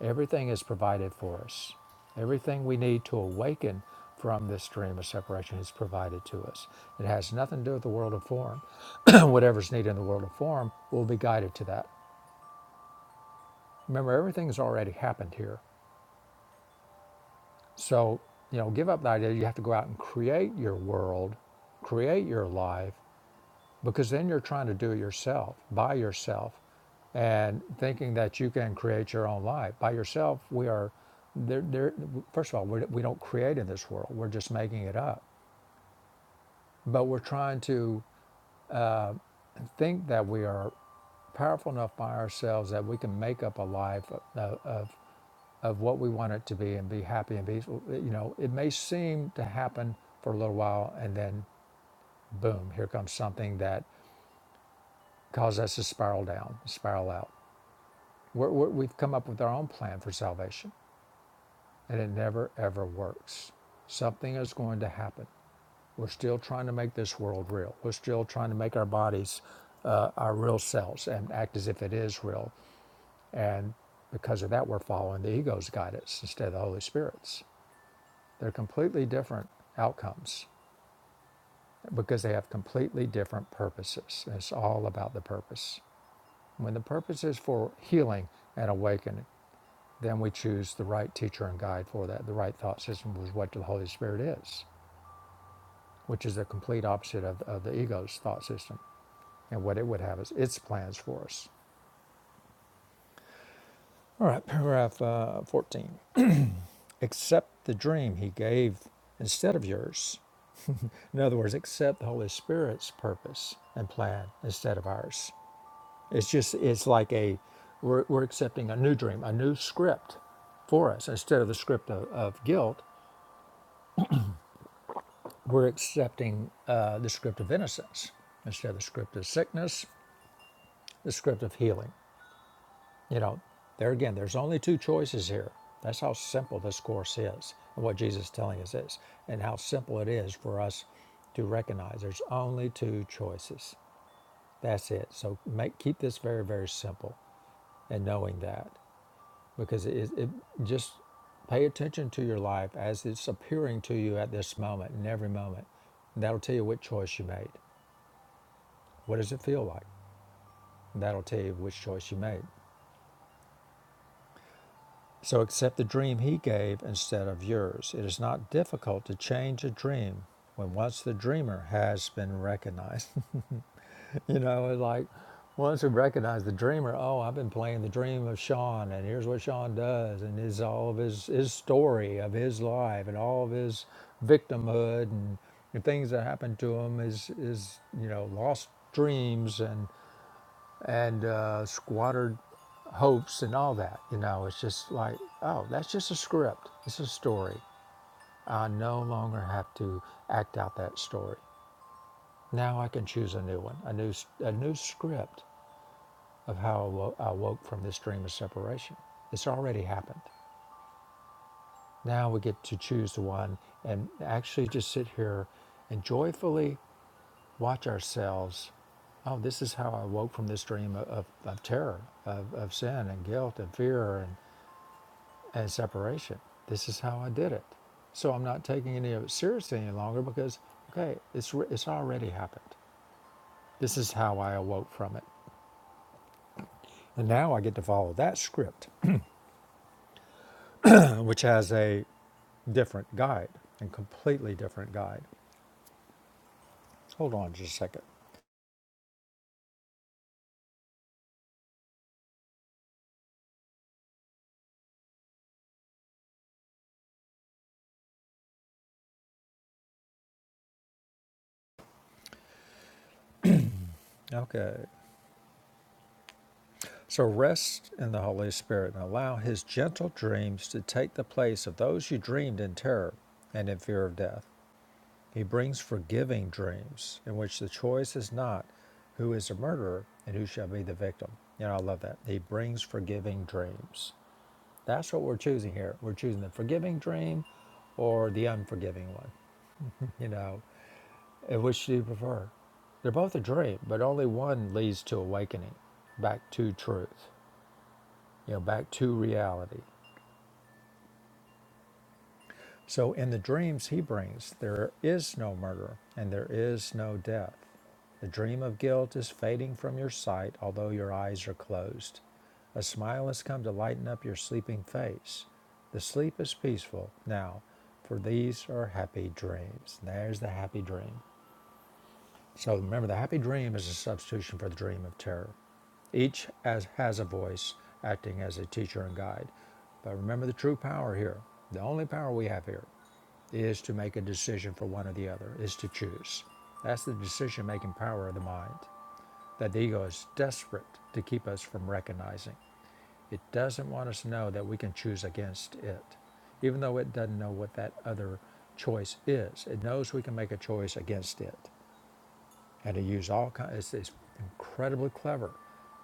Speaker 1: Everything is provided for us. Everything we need to awaken from this dream of separation is provided to us. It has nothing to do with the world of form. Whatever's needed in the world of form will be guided to that. Remember, everything's already happened here. So, you know, give up the idea you have to go out and create your world, create your life, because then you're trying to do it yourself, by yourself, and thinking that you can create your own life. By yourself, we are, there, there, first of all, we're, we don't create in this world, we're just making it up. But we're trying to think that we are powerful enough by ourselves that we can make up a life of, of of what we want it to be and be happy and be you know it may seem to happen for a little while and then boom here comes something that causes us to spiral down spiral out we're, we're, we've come up with our own plan for salvation and it never ever works something is going to happen we're still trying to make this world real we're still trying to make our bodies uh, our real selves and act as if it is real and because of that we're following the ego's guidance instead of the holy spirit's They're completely different outcomes because they have completely different purposes. it's all about the purpose. When the purpose is for healing and awakening, then we choose the right teacher and guide for that. The right thought system was what the Holy Spirit is, which is the complete opposite of, of the ego's thought system and what it would have as its plans for us. All right, paragraph uh, 14. Accept the dream he gave instead of yours. In other words, accept the Holy Spirit's purpose and plan instead of ours. It's just it's like a we're, we're accepting a new dream, a new script for us instead of the script of, of guilt. We're accepting uh, the script of innocence instead of the script of sickness, the script of healing. You know, there again, there's only two choices here. That's how simple this course is, and what Jesus is telling us is, and how simple it is for us to recognize there's only two choices. That's it. So make keep this very very simple, and knowing that. because it, it just pay attention to your life as it's appearing to you at this moment in every moment that'll tell you what choice you made what does it feel like that'll tell you which choice you made so accept the dream he gave instead of yours it is not difficult to change a dream when once the dreamer has been recognized You know, it's like once we recognize the dreamer, oh, I've been playing the dream of Sean, and here's what Sean does, and his all of his, his story of his life and all of his victimhood and the things that happened to him is, is you know, lost dreams and, and uh, squandered hopes and all that. You know, it's just like, oh, that's just a script, it's a story. I no longer have to act out that story. Now I can choose a new one, a new, a new script of how I woke from this dream of separation. It's already happened. Now we get to choose the one and actually just sit here and joyfully watch ourselves. Oh, this is how I woke from this dream of, of, of terror, of, of sin and guilt and fear and, and separation. This is how I did it. So I'm not taking any of it seriously any longer because, okay, it's, it's already happened. This is how I awoke from it. And now I get to follow that script, uh, which has a different guide and completely different guide. Hold on just a second. Okay. So rest in the Holy Spirit and allow His gentle dreams to take the place of those you dreamed in terror and in fear of death. He brings forgiving dreams in which the choice is not who is a murderer and who shall be the victim. You know, I love that. He brings forgiving dreams. That's what we're choosing here. We're choosing the forgiving dream or the unforgiving one. You know, And which do you prefer? They're both a dream, but only one leads to awakening, back to truth, you know, back to reality. So in the dreams he brings, there is no murder and there is no death. The dream of guilt is fading from your sight, although your eyes are closed. A smile has come to lighten up your sleeping face. The sleep is peaceful now, for these are happy dreams. There's the happy dream. So remember, the happy dream is a substitution for the dream of terror. Each as has a voice acting as a teacher and guide. But remember the true power here, the only power we have here, is to make a decision for one or the other, is to choose. That's the decision making power of the mind that the ego is desperate to keep us from recognizing. It doesn't want us to know that we can choose against it, even though it doesn't know what that other choice is. It knows we can make a choice against it and to use all kinds. It's, it's incredibly clever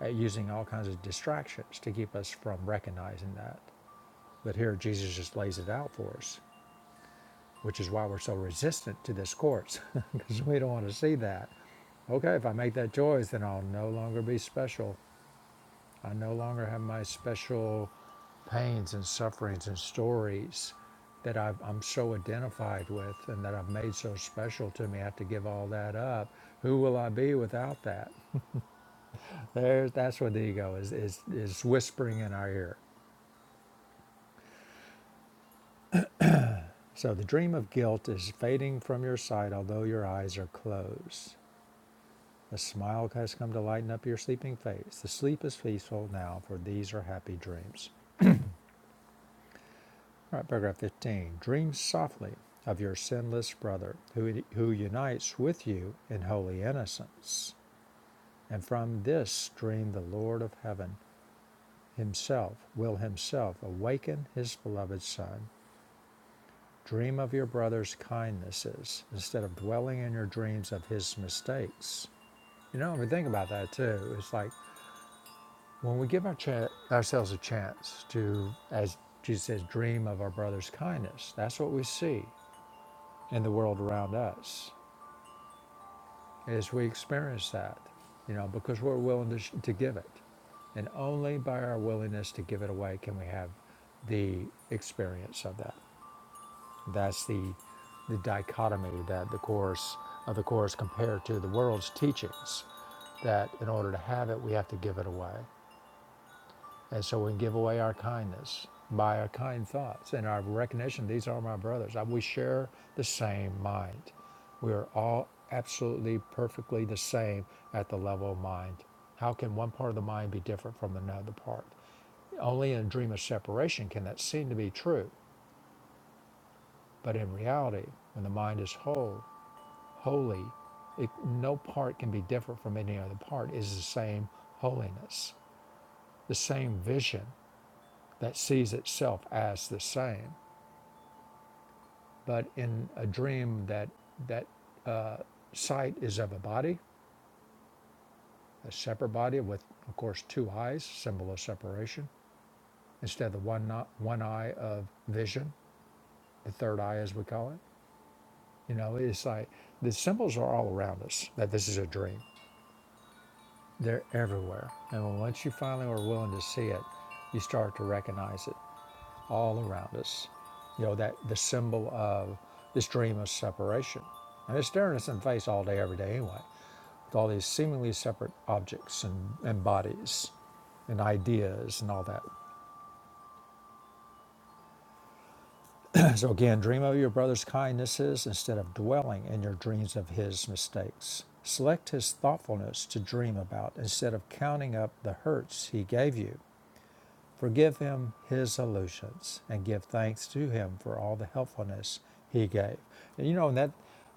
Speaker 1: at using all kinds of distractions to keep us from recognizing that. But here, Jesus just lays it out for us, which is why we're so resistant to this course because we don't want to see that. Okay, if I make that choice, then I'll no longer be special. I no longer have my special pains and sufferings and stories that I've, I'm so identified with and that I've made so special to me. I have to give all that up. Who will I be without that? There's that's what the ego is, is is whispering in our ear. So the dream of guilt is fading from your sight, although your eyes are closed. A smile has come to lighten up your sleeping face. The sleep is peaceful now, for these are happy dreams. All right, paragraph 15. Dream softly of your sinless brother, who, who unites with you in holy innocence. And from this dream, the Lord of heaven himself will himself awaken his beloved son Dream of your brother's kindnesses instead of dwelling in your dreams of his mistakes. You know, I mean, think about that too. It's like when we give our cha- ourselves a chance to, as Jesus says, dream of our brother's kindness, that's what we see in the world around us as we experience that, you know, because we're willing to, sh- to give it. And only by our willingness to give it away can we have the experience of that. That's the, the dichotomy that the Course of the Course compared to the world's teachings, that in order to have it, we have to give it away. And so we give away our kindness by our kind thoughts and our recognition these are my brothers. Uh, We share the same mind. We are all absolutely, perfectly the same at the level of mind. How can one part of the mind be different from another part? Only in a dream of separation can that seem to be true. But in reality, when the mind is whole, holy, it, no part can be different from any other part, is the same holiness, the same vision that sees itself as the same. But in a dream, that that uh, sight is of a body, a separate body with, of course, two eyes, symbol of separation, instead of the one not, one eye of vision, the third eye as we call it. You know, it's like the symbols are all around us that this is a dream. They're everywhere. And once you finally are willing to see it, you start to recognize it all around us. You know, that the symbol of this dream of separation. And it's staring us in the face all day, every day anyway, with all these seemingly separate objects and, and bodies and ideas and all that. so again, dream of your brother's kindnesses instead of dwelling in your dreams of his mistakes. Select his thoughtfulness to dream about instead of counting up the hurts he gave you Forgive him his illusions and give thanks to him for all the helpfulness he gave. And you know, and that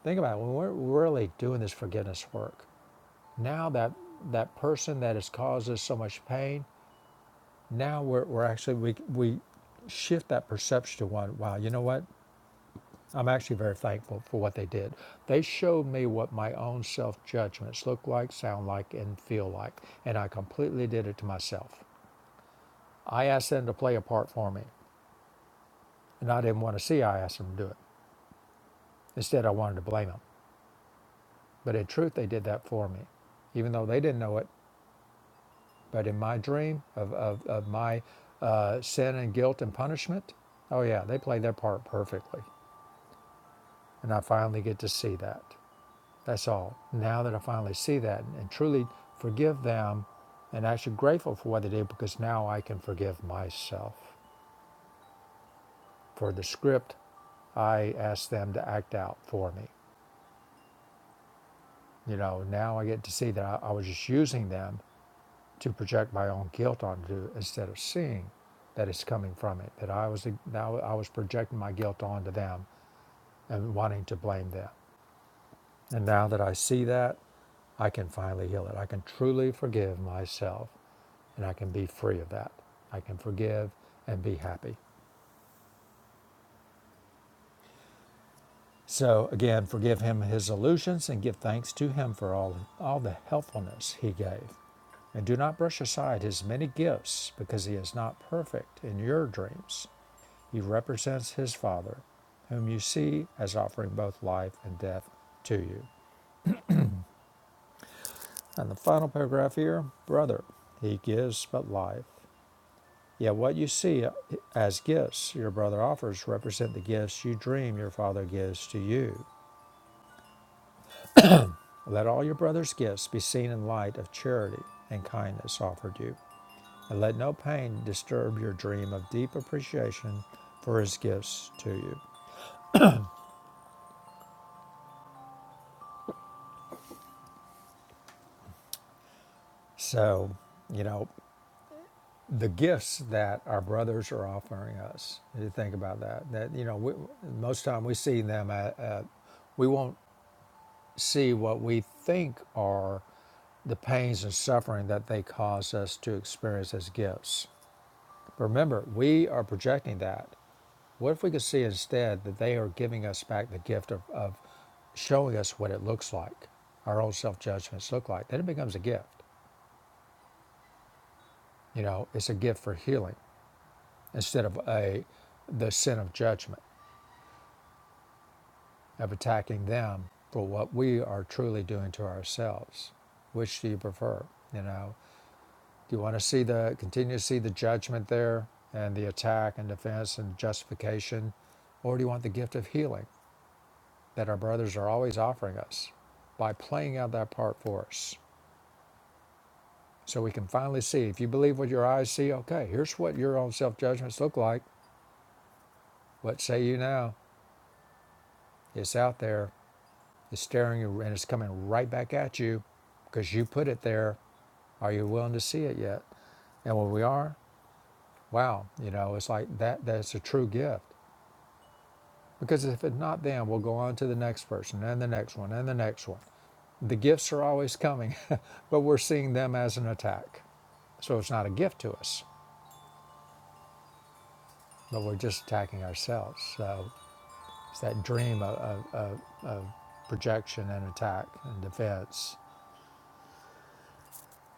Speaker 1: think about it, when we're really doing this forgiveness work, now that that person that has caused us so much pain, now we're, we're actually we we shift that perception to one, wow, you know what? I'm actually very thankful for what they did. They showed me what my own self judgments look like, sound like, and feel like. And I completely did it to myself. I asked them to play a part for me. and I didn't want to see. I asked them to do it. Instead, I wanted to blame them. But in truth, they did that for me, even though they didn't know it. But in my dream of, of, of my uh, sin and guilt and punishment, oh, yeah, they played their part perfectly. And I finally get to see that. That's all. Now that I finally see that and truly forgive them and actually grateful for what they did, because now I can forgive myself for the script I asked them to act out for me. You know, now I get to see that I, I was just using them to project my own guilt onto instead of seeing that it's coming from it that i was now i was projecting my guilt onto them and wanting to blame them and now that i see that i can finally heal it i can truly forgive myself and i can be free of that i can forgive and be happy so again forgive him his illusions and give thanks to him for all, all the helpfulness he gave and do not brush aside his many gifts because he is not perfect in your dreams He represents his Father, whom you see as offering both life and death to you. And the final paragraph here brother, he gives but life. Yet what you see as gifts your brother offers represent the gifts you dream your Father gives to you. Let all your brother's gifts be seen in light of charity and kindness offered you. And let no pain disturb your dream of deep appreciation for his gifts to you. So, you know, the gifts that our brothers are offering us. If you think about that, that you know, we, most time we see them, at, uh, we won't see what we think are the pains and suffering that they cause us to experience as gifts. Remember, we are projecting that. What if we could see instead that they are giving us back the gift of, of showing us what it looks like, our own self judgments look like? Then it becomes a gift. You know, it's a gift for healing. instead of a the sin of judgment of attacking them for what we are truly doing to ourselves which do you prefer you know do you want to see the continue to see the judgment there and the attack and defense and justification or do you want the gift of healing that our brothers are always offering us by playing out that part for us so we can finally see if you believe what your eyes see okay here's what your own self judgments look like what say you now it's out there It's staring you and it's coming right back at you because you put it there. Are you willing to see it yet? And when we are, wow, you know, it's like that that's a true gift. Because if it's not then we'll go on to the next person and the next one and the next one. The gifts are always coming, but we're seeing them as an attack. So it's not a gift to us, but we're just attacking ourselves. So it's that dream of, of, of, of projection and attack and defense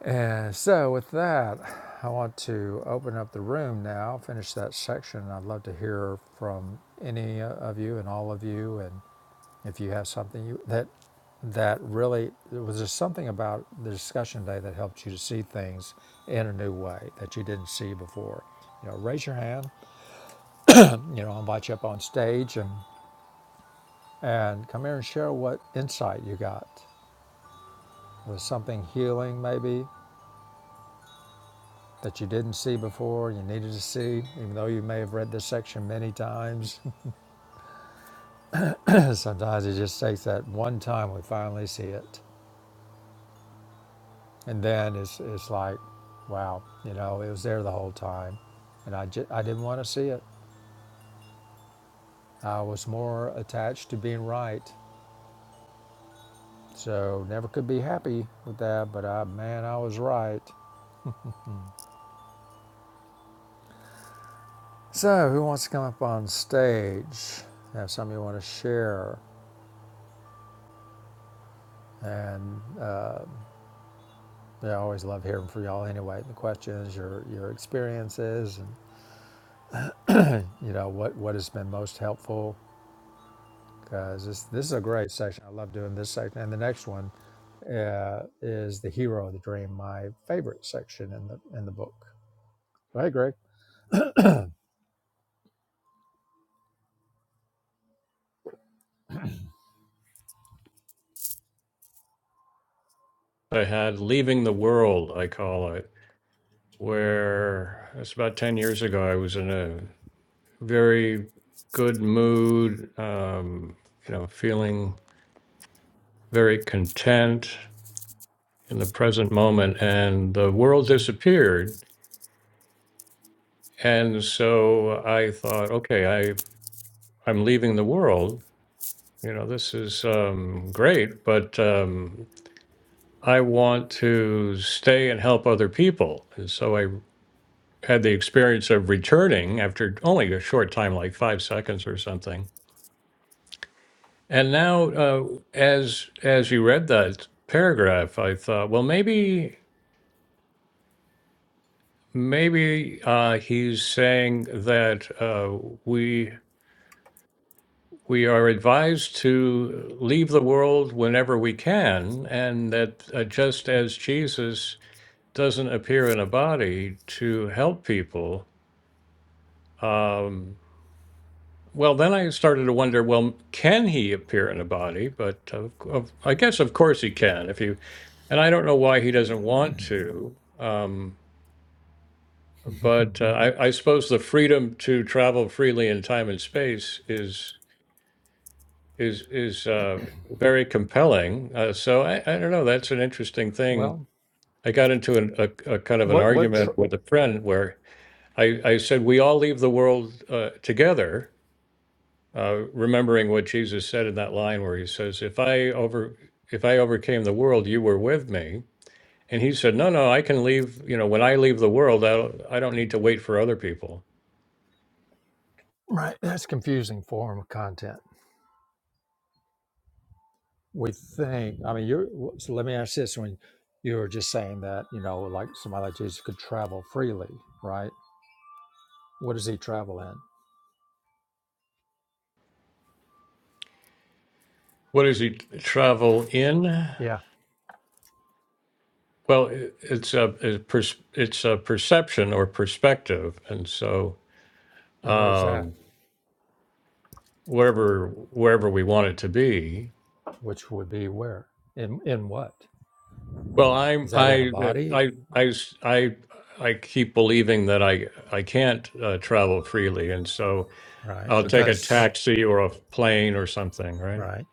Speaker 1: And so, with that, I want to open up the room now, finish that section. I'd love to hear from any of you and all of you, and if you have something you, that that really was there something about the discussion today that helped you to see things in a new way that you didn't see before. You know, raise your hand. You know, I'll invite you up on stage and and come here and share what insight you got. Was something healing, maybe? that you didn't see before, you needed to see, even though you may have read this section many times. Sometimes it just takes that one time we finally see it. And then it's, it's like, wow, you know, it was there the whole time. And I, ju- I didn't want to see it. I was more attached to being right. So never could be happy with that, but I, man, I was right. So who wants to come up on stage? Have something you want to share? And uh, I always love hearing from y'all anyway. The questions, your your experiences, and you know what what has been most helpful. Because this this is a great section. I love doing this section. And the next one uh, is the hero of the dream, my favorite section in the in the book. So, Hey Greg.
Speaker 2: I had Leaving the World, I call it, where it's about 10 years ago, I was in a very good mood, um, you know, feeling very content in the present moment, and the world disappeared. And so I thought, okay, I, I'm leaving the world. You know, this is um, great, but um, I want to stay and help other people. And so I had the experience of returning after only a short time, like five seconds or something. And now, uh, as as you read that paragraph, I thought, well, maybe maybe uh, he's saying that uh, we we are advised to leave the world whenever we can, and that uh, just as Jesus doesn't appear in a body to help people. Um, Well, then I started to wonder, well, can he appear in a body? But of, of, I guess, of course, he can. If you, and I don't know why he doesn't want to. Um, but uh, I, I suppose the freedom to travel freely in time and space is is is uh, very compelling. Uh, so I, I don't know. That's an interesting thing.
Speaker 1: well,
Speaker 2: I got into an, a, a kind of an
Speaker 1: what what tr-
Speaker 2: argument with a friend where I, I said we all leave the world uh, together uh, remembering what Jesus said in that line where he says, "If I over if I overcame the world, you were with me." And he said, "No, no, I can leave. You know, when I leave the world, I don't, I don't need to wait for other people."
Speaker 1: right? That's confusing form of content. We think. I mean, you're. So let me ask this: When you were just saying that, you know, like somebody like Jesus could travel freely, right? What does he travel in?
Speaker 2: What does he travel in?
Speaker 1: yeah.
Speaker 2: Well, it- it's a it's pers- it's a perception or perspective, and so
Speaker 1: And where's that?
Speaker 2: um, wherever wherever we want it to be.
Speaker 1: Which would be where? In in what?
Speaker 2: Well, I'm
Speaker 1: Is that in a
Speaker 2: I
Speaker 1: body?
Speaker 2: I I s- I I keep believing that I I can't uh, travel freely, and so
Speaker 1: Right.
Speaker 2: I'll take a
Speaker 1: Because
Speaker 2: taxi or a plane or something, right?
Speaker 1: right.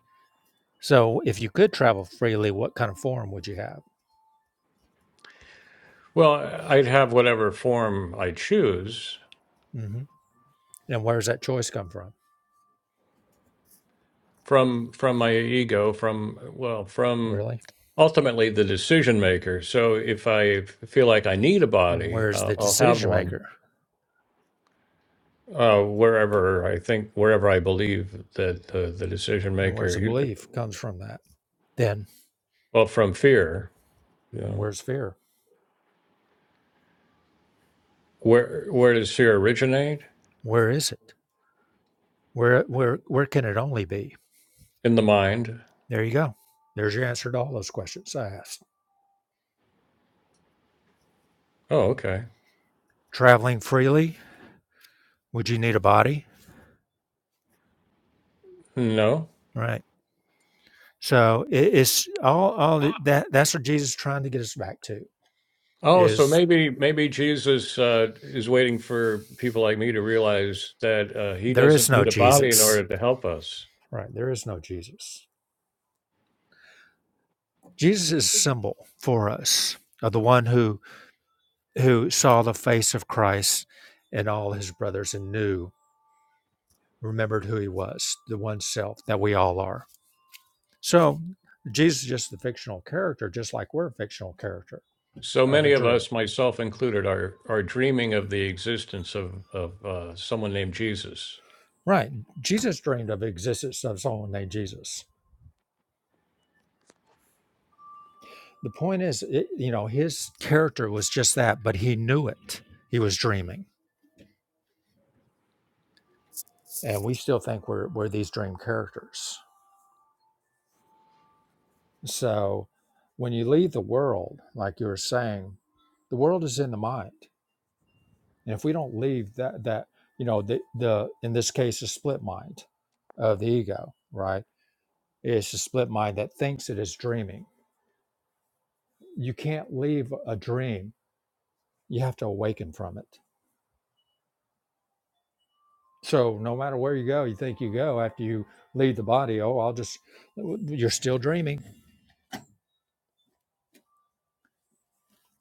Speaker 1: So if you could travel freely, what kind of form would you have?
Speaker 2: Well, I'd have whatever form I choose
Speaker 1: hmm And where's that choice come from?
Speaker 2: from from my ego, from well, from
Speaker 1: Really?
Speaker 2: ultimately the decision maker. So if I feel like I need a
Speaker 1: And
Speaker 2: body,
Speaker 1: where's
Speaker 2: uh,
Speaker 1: the
Speaker 2: I'll have
Speaker 1: decision
Speaker 2: one
Speaker 1: maker?
Speaker 2: uh, wherever I think, wherever I believe that uh, the decision
Speaker 1: And where's
Speaker 2: maker.
Speaker 1: the
Speaker 2: You,
Speaker 1: belief comes from that? Then
Speaker 2: well, from fear, you know,
Speaker 1: where's fear?
Speaker 2: where where does fear originate?
Speaker 1: Where is it? Where where where can it only be?
Speaker 2: In the mind.
Speaker 1: There you go. There's your answer to all those questions I asked.
Speaker 2: Oh, okay.
Speaker 1: Traveling freely, would you need a body?
Speaker 2: No.
Speaker 1: Right. So it, it's all all that that's what Jesus is trying to get us back to
Speaker 2: Oh, so
Speaker 1: is
Speaker 2: maybe maybe Jesus uh, is waiting for people like me to realize that uh, he
Speaker 1: there
Speaker 2: doesn't
Speaker 1: is no
Speaker 2: need a body in order
Speaker 1: Jesus.
Speaker 2: to help us.
Speaker 1: Right, there is no Jesus. Jesus is a symbol for us of the one who who saw the face of Christ and all his brothers and knew, remembered who he was, the one self that we all are. So Jesus is just a fictional character, just like we're a fictional character
Speaker 2: So
Speaker 1: of a
Speaker 2: many of
Speaker 1: dream.
Speaker 2: us, myself included, are are dreaming of the existence of of uh, someone named Jesus.
Speaker 1: Right. Jesus dreamed of existence of someone named Jesus. the point is it, you know his character was just that but he knew it he was dreaming and we still think we're we're these dream characters so when you leave the world like you were saying the world is in the mind and if we don't leave that that you know the the in this case a split mind of the ego right it's a split mind that thinks it is dreaming you can't leave a dream you have to awaken from it So no matter where you go, you think you go after you leave the body. Oh, I'll just, you're still dreaming.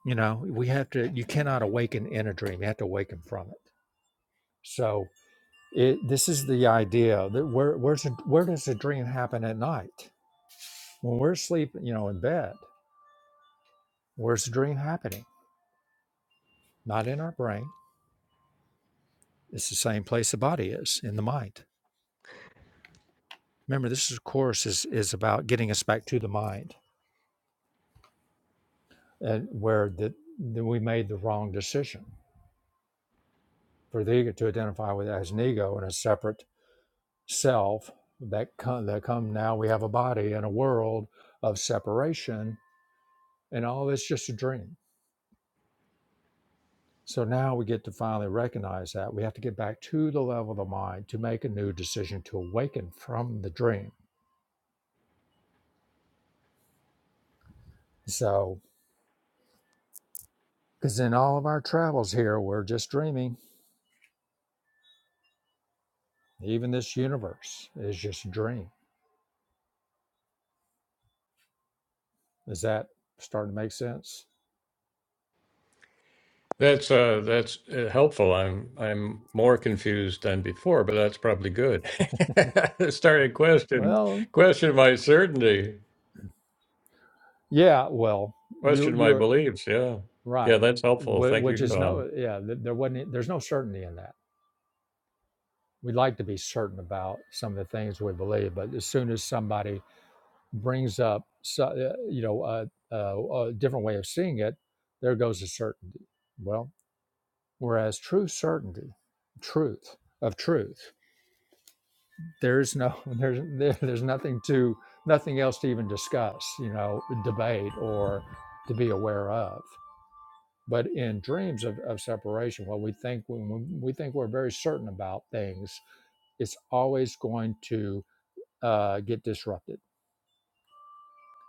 Speaker 1: You know, we have to, you cannot awaken in a dream. You have to awaken from it. So it, this is the idea that where, where's, the- where does a dream happen at night? When we're asleep, you know, in bed, where's the dream happening? Not in our brain. It's the same place the body is in the mind. Remember, this is, of course is, is about getting us back to the mind and where the, that we made the wrong decision for the ego to identify with as an ego and a separate self that come, that come now we have a body and a world of separation and all this just a dream so now we get to finally recognize that we have to get back to the level of the mind to make a new decision to awaken from the dream so because in all of our travels here we're just dreaming even this universe is just a dream is that starting to make sense
Speaker 2: That's uh, that's uh, helpful. I'm I'm more confused than before, but that's probably good. Started question
Speaker 1: well
Speaker 2: question my certainty,
Speaker 1: yeah well you
Speaker 2: question my
Speaker 1: you
Speaker 2: beliefs. Yeah, yeah,
Speaker 1: Right.
Speaker 2: that's helpful.
Speaker 1: Wh-
Speaker 2: Thank you,
Speaker 1: Which is
Speaker 2: Don.
Speaker 1: no, yeah, th- there wasn't, e, there's no certainty in that. We'd like to be certain about some of the things we believe, but as soon as somebody brings up, so, uh, you know, a, a, a different way of seeing it, there goes the certainty. Well, whereas true certainty, truth of truth, there's no, there's, there, there's nothing to, nothing else to even discuss, you know, debate or to be aware of. But in dreams of, of separation, what we think when we think we're very certain about things, it's always going to uh, get disrupted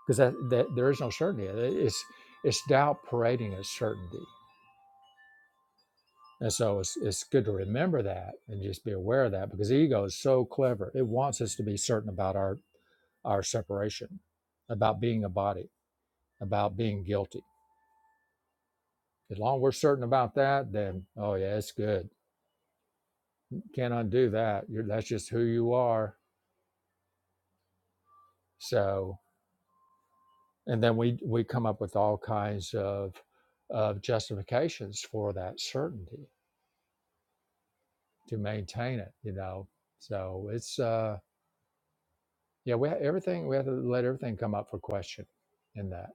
Speaker 1: because that, that there is no certainty. It's it's doubt parading as certainty, and so it's it's good to remember that and just be aware of that because the ego is so clever. It wants us to be certain about our our separation, about being a body, about being guilty. As long as we're certain about that, then oh yeah, it's good. Can't undo that. You're, that's just who you are. So, and then we we come up with all kinds of of justifications for that certainty to maintain it. You know, so it's uh, yeah, we ha- everything we have to let everything come up for question in that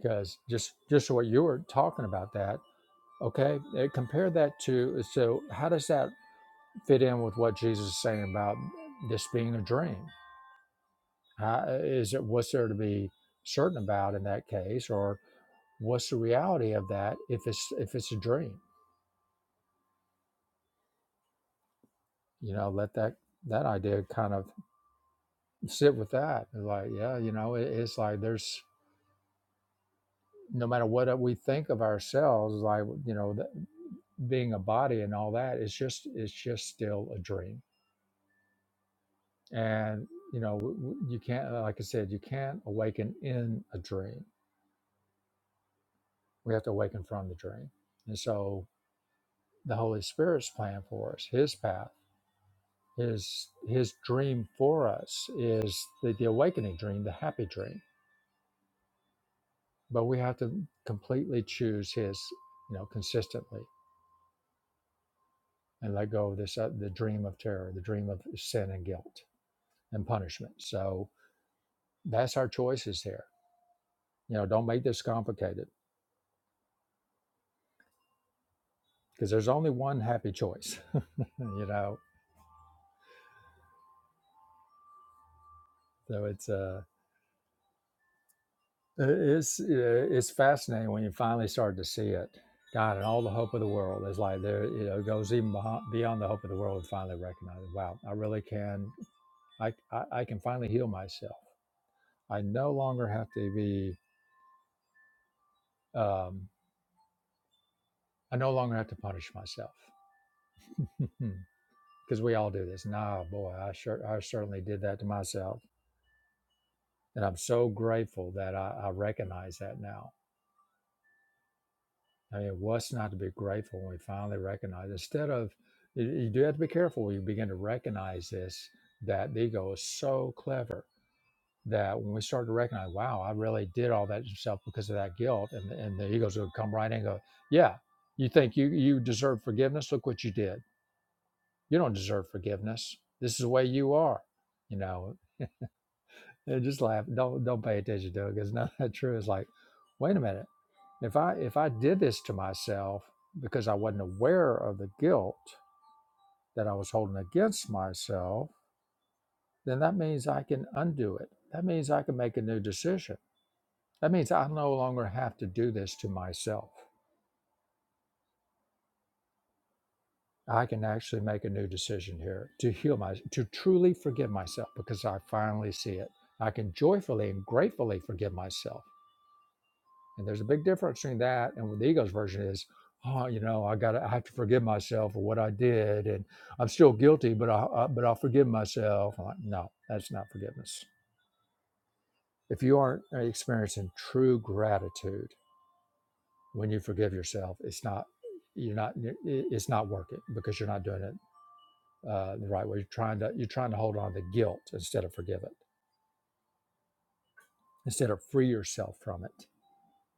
Speaker 1: because just just what you were talking about that. Okay, eh, compare that to so how does that fit in with what Jesus is saying about this being a dream? How, uh, is it what's there to be certain about in that case, or what's the reality of that if it's if it's a dream? You know, let that that idea kind of sit with that. It's Like, yeah, you know, it, it's like there's no matter what uh, we think of ourselves, like you know, that being a body and all that, it's just it's just still a dream. And you know, w- w- you can't, uh, like I said, you can't awaken in a dream. We have to awaken from the dream. And so the Holy Spirit's plan for us, His path, His His dream for us is the, the awakening dream, the happy dream. But we have to completely choose His, you know, consistently, and let go of this uh, the dream of terror, the dream of sin and guilt and punishment. So that's our choices here. You know, don't make this complicated because there's only one happy choice. you know, so it's uh, Uh, It's uh, it's fascinating when you finally start to see it. God and all the hope of the world is like there. You know, it goes even behind, beyond the hope of the world. And finally recognize, wow, I really can. I, I I can finally heal myself. I no longer have to be. Um, I no longer have to punish myself because we all do this. Nah, boy, I sure I certainly did that to myself, and I'm so grateful that I, I recognize that now. I mean, what's not to be grateful when we finally recognize? Instead of, you you do have to be careful when you begin to recognize this, that the ego is so clever that when we start to recognize, wow, I really did all that to myself because of that guilt, and, and the ego's going to come right in and go, yeah, you think you, you deserve forgiveness? Look what you did. You don't deserve forgiveness. This is the way you are, you know. And just laugh. Don't don't pay attention to it because it's not that true. It's like, wait a minute. If I if I did this to myself because I wasn't aware of the guilt that I was holding against myself, then that means I can undo it. That means I can make a new decision. That means I no longer have to do this to myself. I can actually make a new decision here to heal my to truly forgive myself because I finally see it. I can joyfully and gratefully forgive myself And there's a big difference between that and what the ego's version is. Oh, you know, I got I have to forgive myself for what I did, and I'm still guilty, but I, I but I'll forgive myself. I'm like, no, that's not forgiveness. If you aren't uh, experiencing true gratitude when you forgive yourself, it's not you're not it's not working because you're not doing it uh, the right way. You're trying to you're trying to hold on to guilt instead of forgive it, instead of free yourself from it.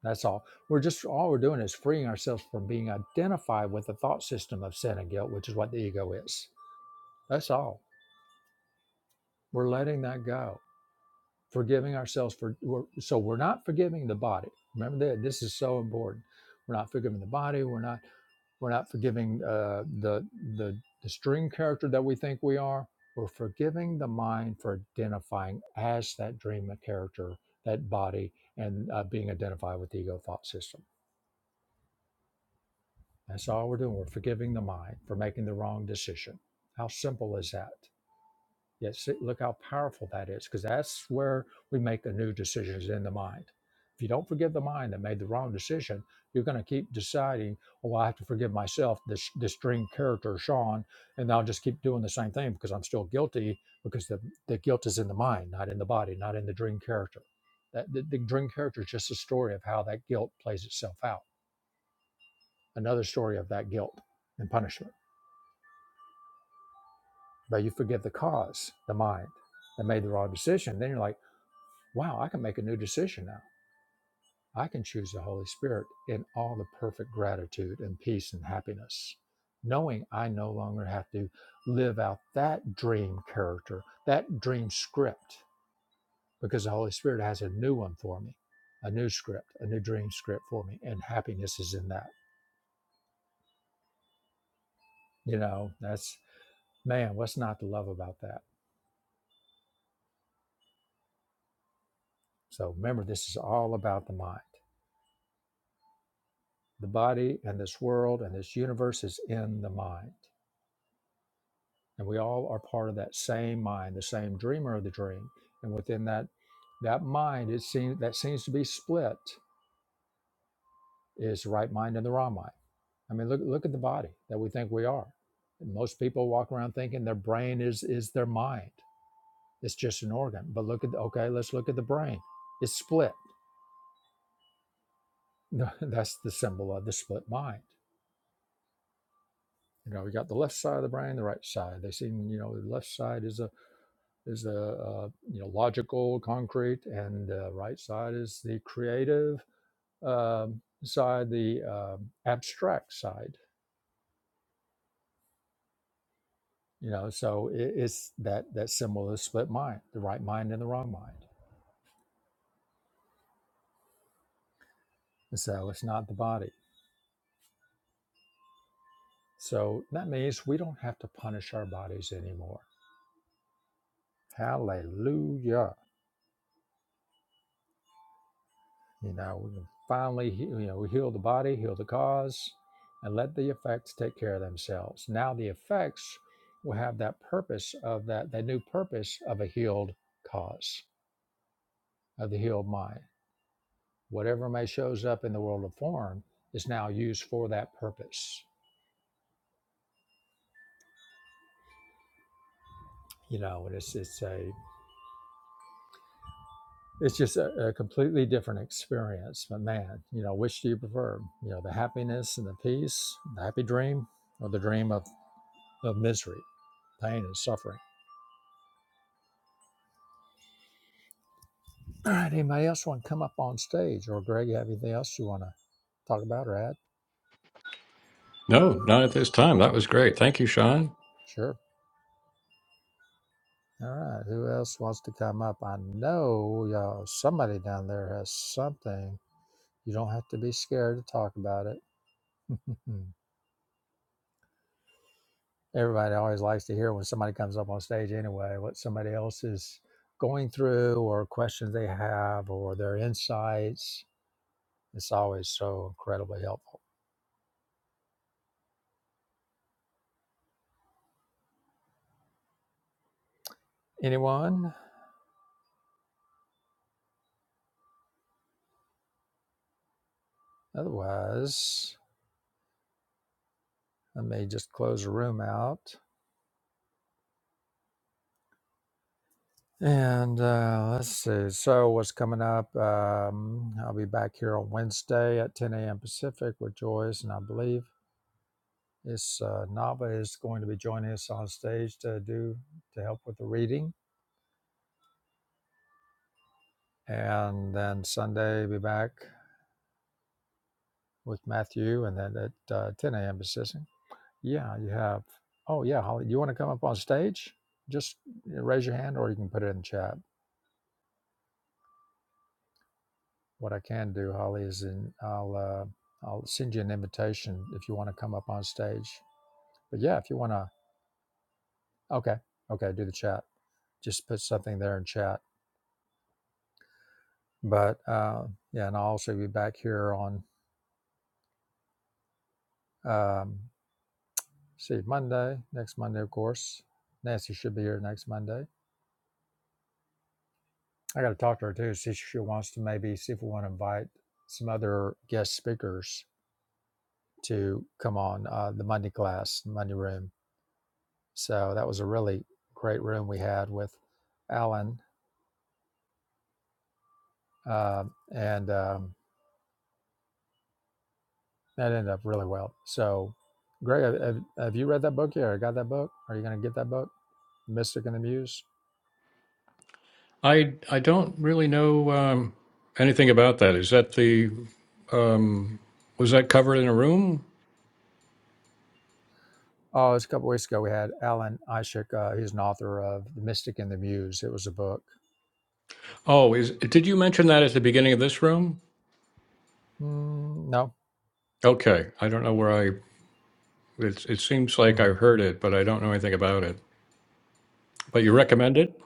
Speaker 1: That's all. We're just all we're doing is freeing ourselves from being identified with the thought system of sin and guilt, which is what the ego is. That's all. We're letting that go, forgiving ourselves for. We're, so we're not forgiving the body. Remember that this is so important. We're not forgiving the body. We're not. We're not forgiving uh, the the the dream character that we think we are. We're forgiving the mind for identifying as that dream character, that body, and uh, being identified with the ego thought system. That's all we're doing. We're forgiving the mind for making the wrong decision. How simple is that? Yet see, look how powerful that is, because that's where we make a new decision is in the mind. If you don't forgive the mind that made the wrong decision, you're going to keep deciding, oh, I have to forgive myself, this this string character, Sean, and I'll just keep doing the same thing because I'm still guilty because the, the guilt is in the mind, not in the body, not in the dream character. That the, the dream character is just a story of how that guilt plays itself out. Another story of that guilt and punishment but you forgive the cause, the mind that made the wrong decision. Then you're like, wow, I can make a new decision now. I can choose the Holy Spirit in all the perfect gratitude and peace and happiness, knowing I no longer have to live out that dream character, that dream script, because the Holy Spirit has a new one for me, a new script, a new dream script for me, and happiness is in that. You know, that's man, what's not to love about that? So remember, this is all about the mind. The body and this world and this universe is in the mind. And we all are part of that same mind, the same dreamer of the dream. And within that that mind it seems that seems to be split is the right mind and the wrong mind. I mean look look at the body that we think we are. And Most people walk around thinking their brain is is their mind. It's just an organ. But look at the, okay, let's look at the brain. It's split. That's the symbol of the split mind. You know, you got the left side of the brain, the right side. They seem, you know, the left side is a is the uh, you know logical, concrete, and the right side is the creative um, side, the um, abstract side. You know, so it, it's that that symbol is split mind, the right mind and the wrong mind. And so it's not the body. So that means we don't have to punish our bodies anymore. Hallelujah. You know, we can finally, he- you know, we heal the body, heal the cause, and let the effects take care of themselves. Now the effects will have that purpose of that, that new purpose of a healed cause, of the healed mind. Whatever may shows up in the world of form is now used for that purpose. You know, and it's it's a it's just a, a completely different experience. But man, you know, which do you prefer? You know, the happiness and the peace, the happy dream, or the dream of, of misery, pain, and suffering? All right, anybody else want to come up on stage? Or Greg, have anything else you want to talk about or add?
Speaker 2: No, not at this time. That was great. Thank you, Sean.
Speaker 1: Sure. All right, who else wants to come up? I know y'all, somebody down there has something. You don't have to be scared to talk about it. Everybody always likes to hear when somebody comes up on stage anyway, what somebody else is going through or questions they have or their insights. It's always so incredibly helpful. Anyone? Otherwise, I may just close the room out. And uh, let's see. So, what's coming up? Um, I'll be back here on Wednesday at 10 a.m. Pacific with Joyce, and I believe it's uh, Nava is going to be joining us on stage to do to help with the reading. And then Sunday, be back with Matthew, and then at uh, 10 a.m. Pacific. Yeah, you have. Oh, yeah, Holly, you want to come up on stage? Just uh, raise your hand, or you can put it in the chat. What I can do, Holly, is in, I'll uh, I'll send you an invitation if you want to come up on stage. But yeah, if you want to, okay, okay, do the chat. Just put something there in chat. But uh, yeah, and I'll also be back here on um, see Monday next Monday, of course. Nancy should be here next Monday. I got to talk to her too, see if she wants to maybe see if we want to invite some other guest speakers to come on uh, the Monday class, Monday room So that was a really great room we had with Alan, um, and um, that ended up really well. So, Greg, have, have you read that book yet? Or got that book? Are you going to get that book, Mystic and the Muse?
Speaker 2: I I don't really know um, anything about that. Is that the um, was that covered in a room?
Speaker 1: Oh, it was a couple weeks ago. We had Alan Ishik. Uh, he's an author of The Mystic and the Muse. It was a book.
Speaker 2: Oh, is did you mention that at the beginning of this room?
Speaker 1: Mm, no.
Speaker 2: Okay, I don't know where I. It, it seems like
Speaker 1: Hmm.
Speaker 2: I've heard it, but I don't know anything about it. But you recommend it?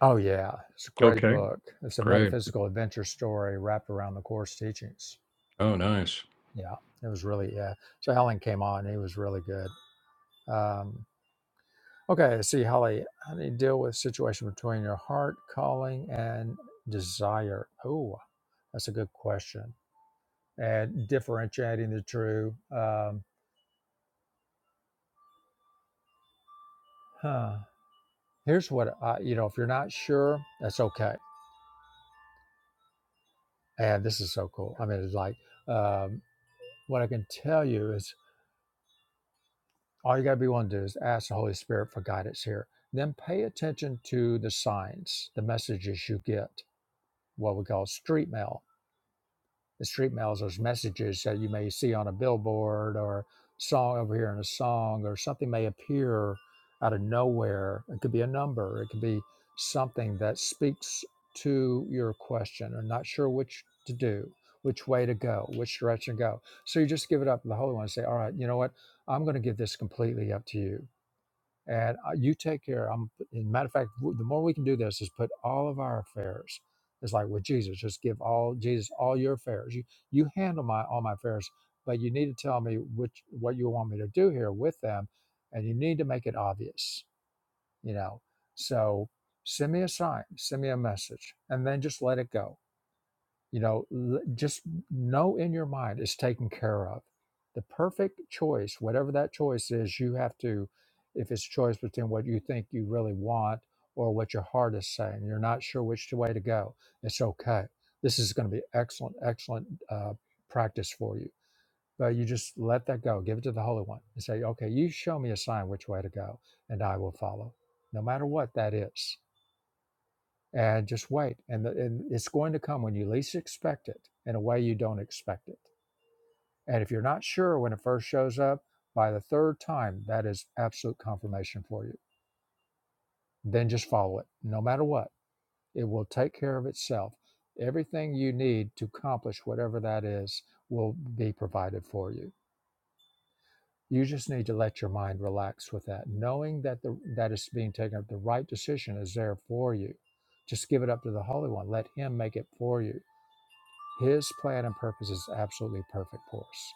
Speaker 1: Oh, yeah. It's a great
Speaker 2: Okay,
Speaker 1: book. It's a
Speaker 2: great.
Speaker 1: metaphysical adventure story wrapped around the Course teachings.
Speaker 2: Oh, nice.
Speaker 1: Yeah. It was really, yeah. So Alan came on. He was really good. Um, Okay, see, Holly. How do you deal with situation between your heart calling and desire? Oh, that's a good question. And differentiating the two. Um, huh. Here's what I, you know, if you're not sure, that's okay. And this is so cool. I mean, it's like um, what I can tell you is all you got to be willing to do is ask the Holy Spirit for guidance here. Then pay attention to the signs, the messages you get, what we call street mail the street mails, those messages that you may see on a billboard or song over here in a song or something may appear out of nowhere. It could be a number, it could be something that speaks to your question or not sure which to do, which way to go, which direction to go. So you just give it up to the Holy One and say, All right, you know what? I'm going to give this completely up to you and uh, you take care. I'm, and matter of fact, w- the more we can do this is put all of our affairs. It's like with Jesus, just give all Jesus all your affairs. You you handle my all my affairs, but you need to tell me which what you want me to do here with them, and you need to make it obvious. You know, so send me a sign, send me a message, and then just let it go you know, l- just know in your mind it's taken care of. The perfect choice, whatever that choice is, you have to, if it's a choice between what you think you really want or what your heart is saying, you're not sure which way to go, it's okay. This is going to be excellent, excellent uh, practice for you. But you just let that go, give it to the Holy One and say, okay, you show me a sign which way to go, and I will follow, no matter what that is and just wait. And, the, and it's going to come when you least expect it in a way you don't expect it. And if you're not sure when it first shows up, by the third time, that is absolute confirmation for you. Then just follow it, no matter what. It will take care of itself. Everything you need to accomplish whatever that is will be provided for you. You just need to let your mind relax with that, knowing that the that is being taken up. The right decision is there for you. Just give it up to the Holy One. Let Him make it for you His plan and purpose is absolutely perfect for us.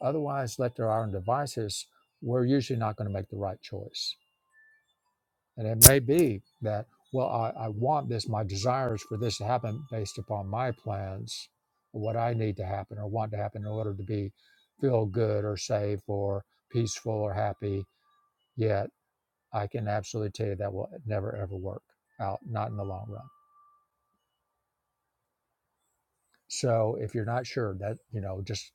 Speaker 1: Otherwise, left to our own devices, we're usually not going to make the right choice. And it may be that, well, I, I want this, my desires for this to happen based upon my plans, what I need to happen or want to happen in order to be feel good or safe or peaceful or happy. Yet I can absolutely tell you that will never ever work out, not in the long run. So if you're not sure that, you know, just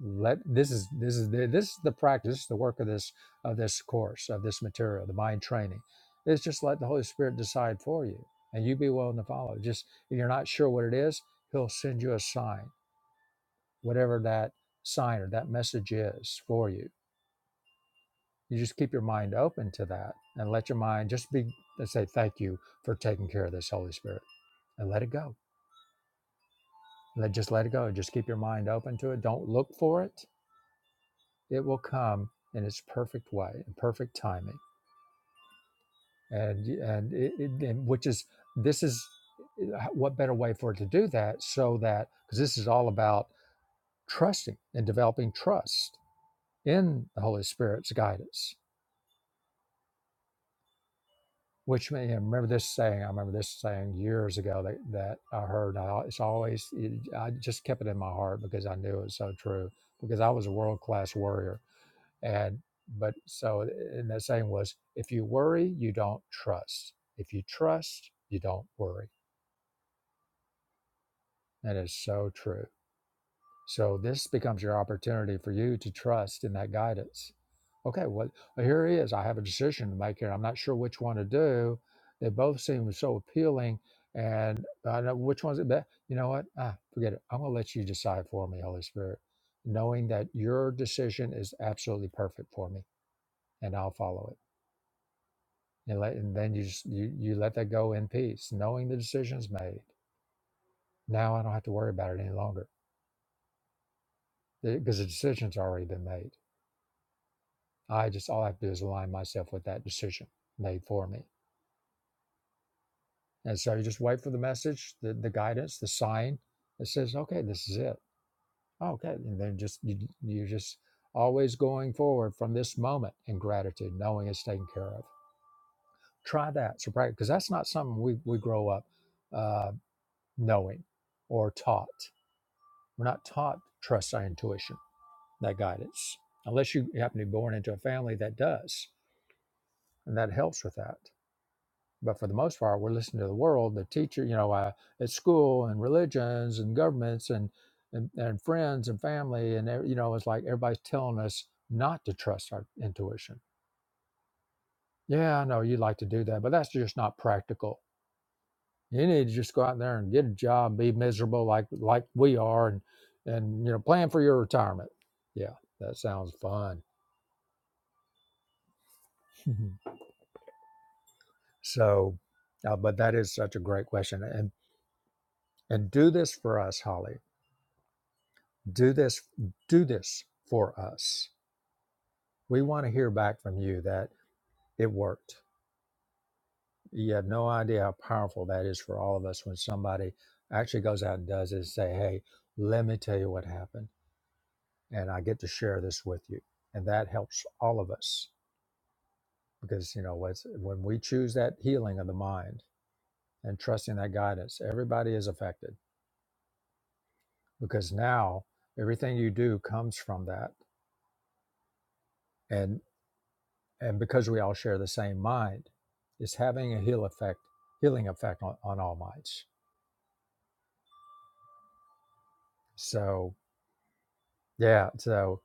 Speaker 1: let this is this is the, this is the practice this is the work of this of this course of this material the mind training it's just let the holy spirit decide for you and you be willing to follow just if you're not sure what it is he'll send you a sign whatever that sign or that message is for you you just keep your mind open to that and let your mind just be let's say thank you for taking care of this holy spirit and let it go let just let it go just keep your mind open to it don't look for it It will come in its perfect way, in perfect timing, and and it, it and which is this is what better way for it to do that so that because this is all about trusting and developing trust in the Holy Spirit's guidance. Which may, and remember this saying. I remember this saying years ago that, that I heard. and I, it's always it, I just kept it in my heart because I knew it was so true. Because I was a world class warrior And but so and the saying was, if you worry, you don't trust. If you trust, you don't worry. That is so true. So this becomes your opportunity for you to trust in that guidance. Okay, well here it is. I have a decision to make here. I'm not sure which one to do. They both seem so appealing, and I know which one's the best. You know what? Ah, forget it. I'm gonna let you decide for me, Holy Spirit, knowing that your decision is absolutely perfect for me, and I'll follow it. and, let, and then you just you, you let that go in peace knowing the decision's made now i don't have to worry about it any longer because the decision's already been made i just all i have to do is align myself with that decision made for me and so you just wait for the message the, the guidance the sign that says okay this is it okay and then just you, you're just always going forward from this moment in gratitude knowing it's taken care of try that so practice, because that's not something we, we grow up uh, knowing or taught We're not taught to trust our intuition, that guidance, unless you happen to be born into a family that does, and that helps with that. But for the most part, we're listening to the world, the teacher, you know, uh, at school and religions and governments and and, and friends and family and every- you know, it's like everybody's telling us not to trust our intuition. Yeah, I know you would like to do that, but that's just not practical. You need to just go out there and get a job, be miserable like like we are, and and you know, plan for your retirement. Yeah, that sounds fun. Mhm. So, uh, but that is such a great question, and and do this for us, Holly. Do this, do this for us. We want to hear back from you that it worked. You have no idea how powerful that is for all of us when somebody actually goes out and does it. And Say, hey, let me tell you what happened, and I get to share this with you, and that helps all of us because you know what's when we choose that healing of the mind and trusting that guidance, everybody is affected because now everything you do comes from that and and because we all share the same mind it's having a heal effect healing effect on, on all minds so yeah so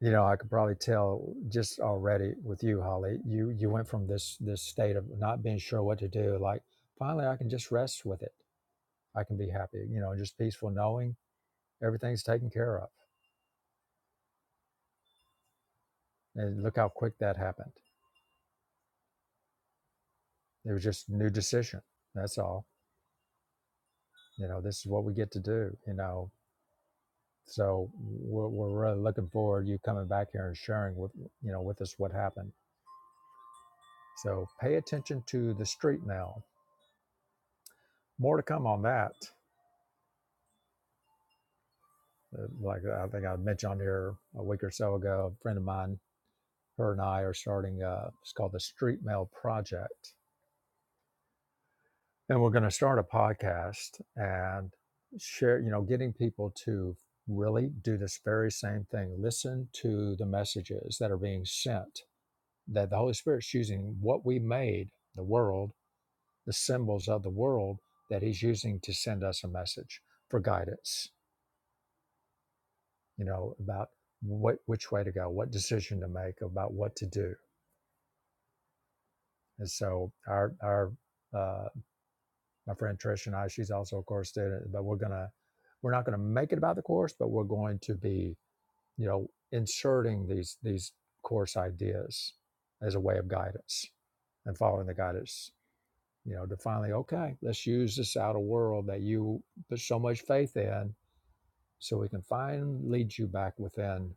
Speaker 1: you know i could probably tell just already with you holly you you went from this this state of not being sure what to do like finally i can just rest with it i can be happy you know just peaceful knowing everything's taken care of and look how quick that happened it was just new decision that's all you know this is what we get to do you know so we're, we're really looking forward to you coming back here and sharing with you know with us what happened so pay attention to the street mail. more to come on that Uh, like i think i mentioned on here a week or so ago a friend of mine her and i are starting uh it's called the street mail project and we're going to start a podcast and share you know getting people to really do this very same thing listen to the messages that are being sent that the Holy Spirit's using what we made, the world, the symbols of the world that He's using to send us a message for guidance, you know, about what which way to go, what decision to make, about what to do. And so our our uh, my friend Trish and I, she's also a course student, but we're gonna we're not gonna make it about the course, but we're going to be, you know, inserting these these course ideas as a way of guidance and following the guidance you know, to finally, okay, let's use this outer world that you put so much faith in so we can find lead you back within,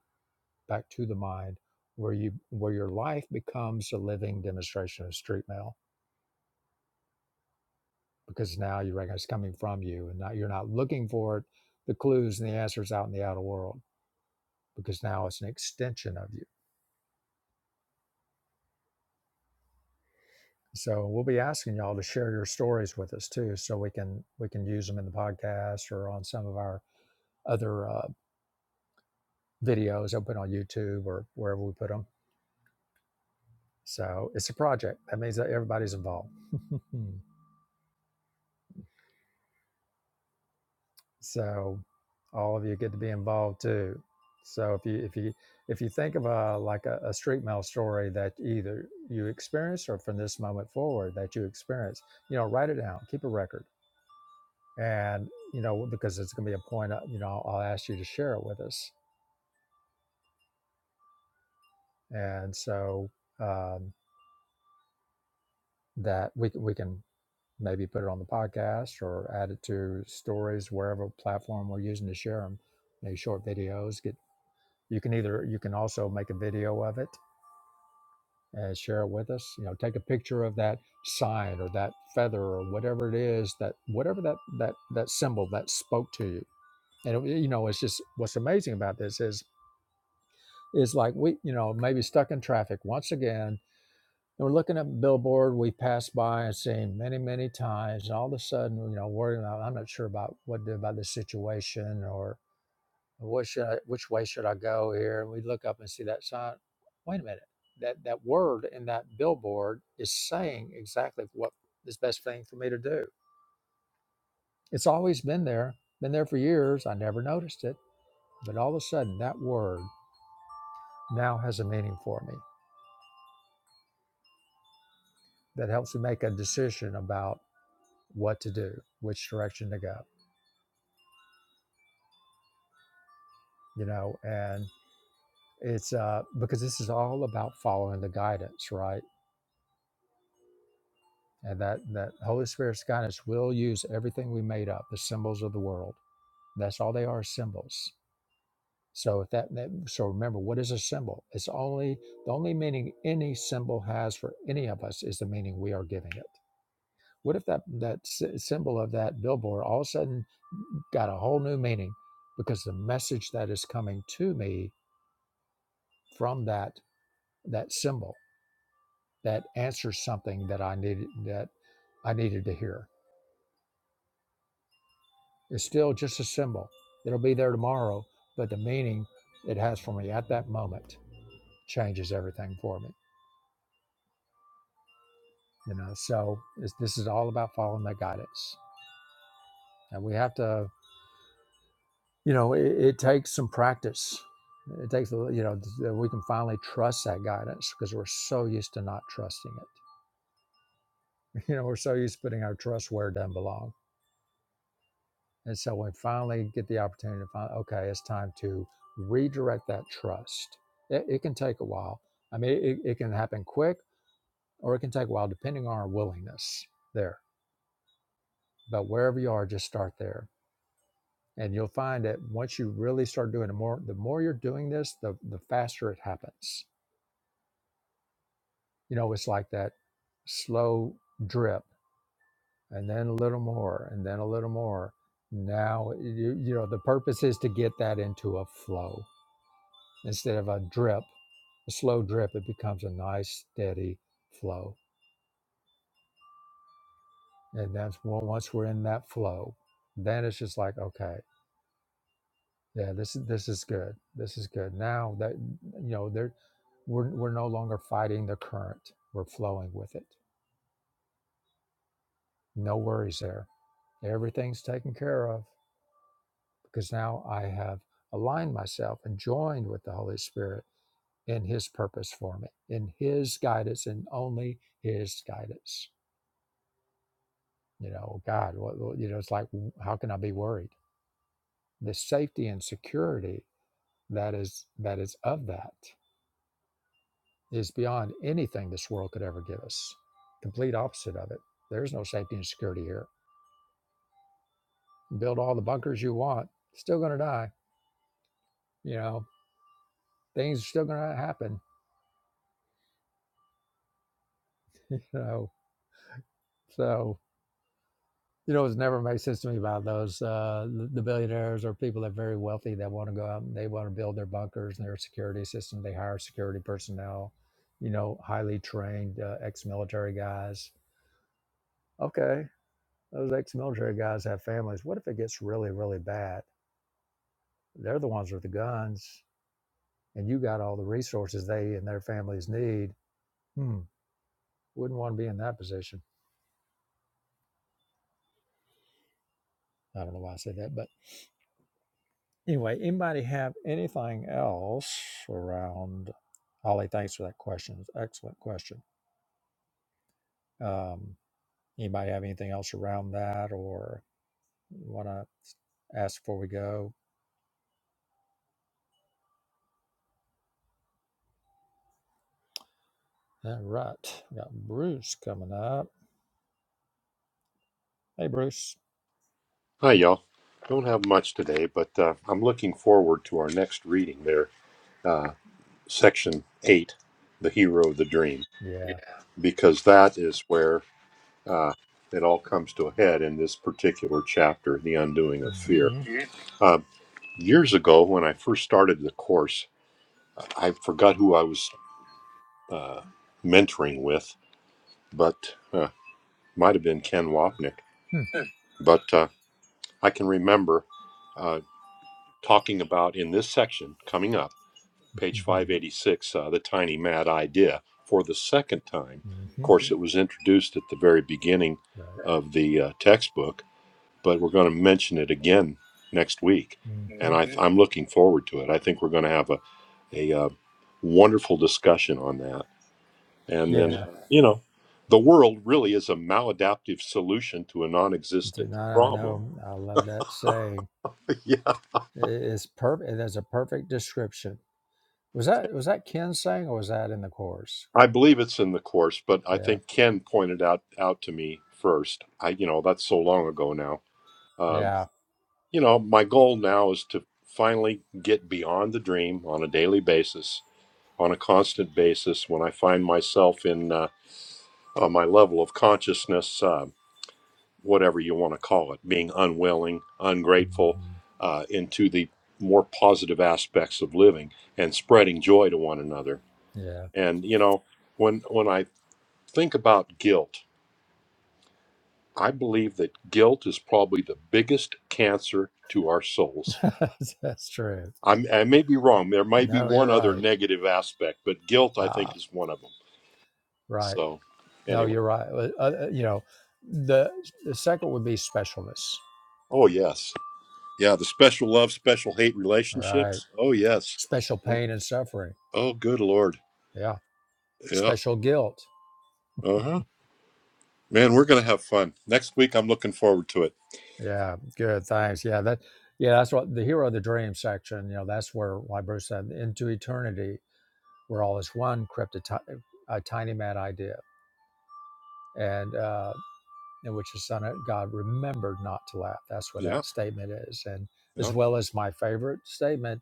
Speaker 1: back to the mind where you where your life becomes a living demonstration of street mail because now you recognize it's coming from you and now you're not looking for it, the clues and the answers out in the outer world because now it's an extension of you. So we'll be asking y'all to share your stories with us too, so we can we can use them in the podcast or on some of our other uh, videos open on YouTube or wherever we put them. So it's a project. That means that everybody's involved. so all of you get to be involved too. So if you if you if you think of a like a, a street mail story that either you experience or from this moment forward that you experience, you know, write it down, keep a record, and you know because it's going to be a point. uh, You know, I'll ask you to share it with us, and so um, that we we can maybe put it on the podcast or add it to stories wherever platform we're using to share them maybe short videos get you can either you can also make a video of it and share it with us you know take a picture of that sign or that feather or whatever it is that whatever that that that symbol that spoke to you and it, you know it's just what's amazing about this is is like we you know maybe stuck in traffic once again And we're looking at billboard we passed by and seen many, many times. And all of a sudden, you know, worrying about, I'm not sure about what to do about this situation or what should I, which way should I go here? And we look up and see that sign. Wait a minute. That, that word in that billboard is saying exactly what is the best thing for me to do. It's always been there, been there for years. I never noticed it. But all of a sudden, that word now has a meaning for me that helps me make a decision about what to do, which direction to go. you know, and it's uh, because this is all about following the guidance, right? And that that Holy Spirit's guidance will use everything we made up, the symbols of the world. That's all they are symbols. So if that, that so remember, what is a symbol? It's only the only meaning any symbol has for any of us is the meaning we are giving it. What if that that sy- symbol of that billboard all of a sudden got a whole new meaning because the message that is coming to me from that that symbol that answers something that I needed that I needed to hear. It's still just a symbol. It'll be there tomorrow, but the meaning it has for me at that moment changes everything for me. You know, so it's, this is all about following that guidance, and we have to. You know, it, it takes some practice. It takes you know that we can finally trust that guidance because we're so used to not trusting it. You know, we're so used to putting our trust where it doesn't belong And so we finally get the opportunity to find, okay, it's time to redirect that trust. It, it can take a while. I mean, it, it can happen quick or it can take a while depending on our willingness there. But wherever you are, just start there. And you'll find that once you really start doing it more, the more you're doing this, the, the faster it happens. You know, it's like that slow drip and then a little more and then a little more. Now, you, you know, the purpose is to get that into a flow instead of a drip a slow drip, it becomes a nice, steady flow. And that's when- once we're in that flow, then it's just like, okay, yeah, this is this is good. This is good. Now that you know, there we're we're no longer fighting the current. We're flowing with it. No worries there. Everything's taken care of because now I have aligned myself and joined with the Holy Spirit in his purpose for me, in his guidance and only his guidance. You know, God, what, what- you know, it's like, how can I be worried? The safety and security that is that is of that is beyond anything this world could ever give us. Complete opposite of it. There's no safety and security here. Build all the bunkers you want, still going to die. You know, things are still going to happen. You know, so You know, it's never made sense to me about those uh, the the billionaires or people that are very wealthy that want to go out and they want to build their bunkers and their security system. They hire security personnel, you know, highly trained uh, ex-military guys. Okay, those ex-military guys have families. What if it gets really, really bad? They're the ones with the guns, and you got all the resources they and their families need. Hmm, wouldn't want to be in that position. I don't know why I said that, but. Anyway, anybody have anything else around? Holly, thanks for that question. It's an excellent question. Um, anybody have anything else around that or want to ask before we go? All right. We got Bruce coming up. Hey, Bruce.
Speaker 3: Hi, y'all. Don't have much today, but uh, I'm looking forward to our next reading there, section eight, The Hero of the Dream,
Speaker 1: Yeah.
Speaker 3: because that is where uh, it all comes to a head in this particular chapter, The Undoing of Fear.
Speaker 1: hmm
Speaker 3: Uh, years ago, when I first started the course, I forgot who I was mentoring with, but uh, might have been Ken Wapnick.
Speaker 1: hmm
Speaker 3: But uh, I can remember uh, talking about in this section coming up page 586, uh, The Tiny Mad Idea, for the second time. Of
Speaker 1: hmm
Speaker 3: course, it was introduced at the very beginning of the uh, textbook, but we're going to mention it again next week.
Speaker 1: Right. hmm
Speaker 3: And I, I'm looking forward to it. I think we're going to have a, a uh, wonderful discussion on that. And then,
Speaker 1: Yeah.
Speaker 3: you know, the world really is a maladaptive solution to a non existent
Speaker 1: Tonight, I
Speaker 3: problem.
Speaker 1: know. I love that saying. I- It's perfect. There's a perfect description. Was that was that Ken saying or was that in the course?
Speaker 3: I believe it's in the course, but I
Speaker 1: Yeah.
Speaker 3: think Ken pointed out out to me first. I, you know, that's so long ago now. Um,
Speaker 1: Yeah.
Speaker 3: you know, my goal now is to finally get beyond the dream on a daily basis, on a constant basis. When I find myself in uh, uh, my level of consciousness, uh, whatever you want to call it, being unwilling, ungrateful,
Speaker 1: hmm
Speaker 3: uh, into the more positive aspects of living and spreading joy to one another.
Speaker 1: Yeah.
Speaker 3: And you know, when when I think about guilt I believe that guilt is probably the biggest cancer to our souls.
Speaker 1: That's true.
Speaker 3: I'm, I may be wrong. There might be
Speaker 1: No, you're
Speaker 3: one other
Speaker 1: right.
Speaker 3: negative aspect, but guilt, I
Speaker 1: Ah,
Speaker 3: think, is one of them.
Speaker 1: right.
Speaker 3: So,
Speaker 1: No,
Speaker 3: anyway.
Speaker 1: you're right. Uh, uh, you know, the, the second would be specialness.
Speaker 3: Oh, yes. Yeah, the special love, special hate
Speaker 1: All right.
Speaker 3: relationships. Oh, yes.
Speaker 1: Special pain and suffering.
Speaker 3: Oh, good Lord.
Speaker 1: Yeah.
Speaker 3: Yeah.
Speaker 1: Special guilt.
Speaker 3: Uh huh. Man, we're going to have fun. Next week, I'm looking forward to it.
Speaker 1: Yeah. Good. Thanks. Yeah. That, yeah, that's what the hero of the dream section, you know, that's where, like Bruce said, into eternity, where all is one crept a ti- a tiny mad idea. And, uh, in which the Son of God remembered not to laugh. That's where
Speaker 3: Yeah.
Speaker 1: that statement is. And
Speaker 3: Yeah.
Speaker 1: as well as my favorite statement,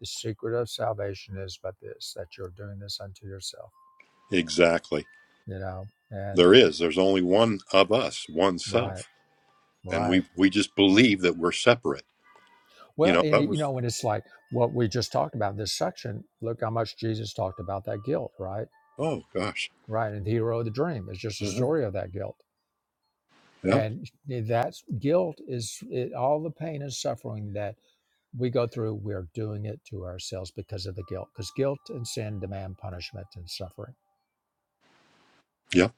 Speaker 1: the secret of salvation is but this, that you're doing this unto yourself,
Speaker 3: Exactly.
Speaker 1: you know? And
Speaker 3: There is. There's only one of us, one
Speaker 1: right,
Speaker 3: self. And
Speaker 1: right.
Speaker 3: we, we just believe that we're separate. You
Speaker 1: Well,
Speaker 3: know,
Speaker 1: and
Speaker 3: that
Speaker 1: it,
Speaker 3: was.
Speaker 1: you know, and it's like what we just talked about this section, look how much Jesus talked about that guilt, right?
Speaker 3: Oh gosh.
Speaker 1: Right. And the hero of the dream is just a
Speaker 3: hmm
Speaker 1: story of that guilt.
Speaker 3: Yep.
Speaker 1: And that guilt is it, all the pain and suffering that we go through, we're doing it to ourselves because of the guilt, because guilt and sin demand punishment and suffering.
Speaker 3: Yep.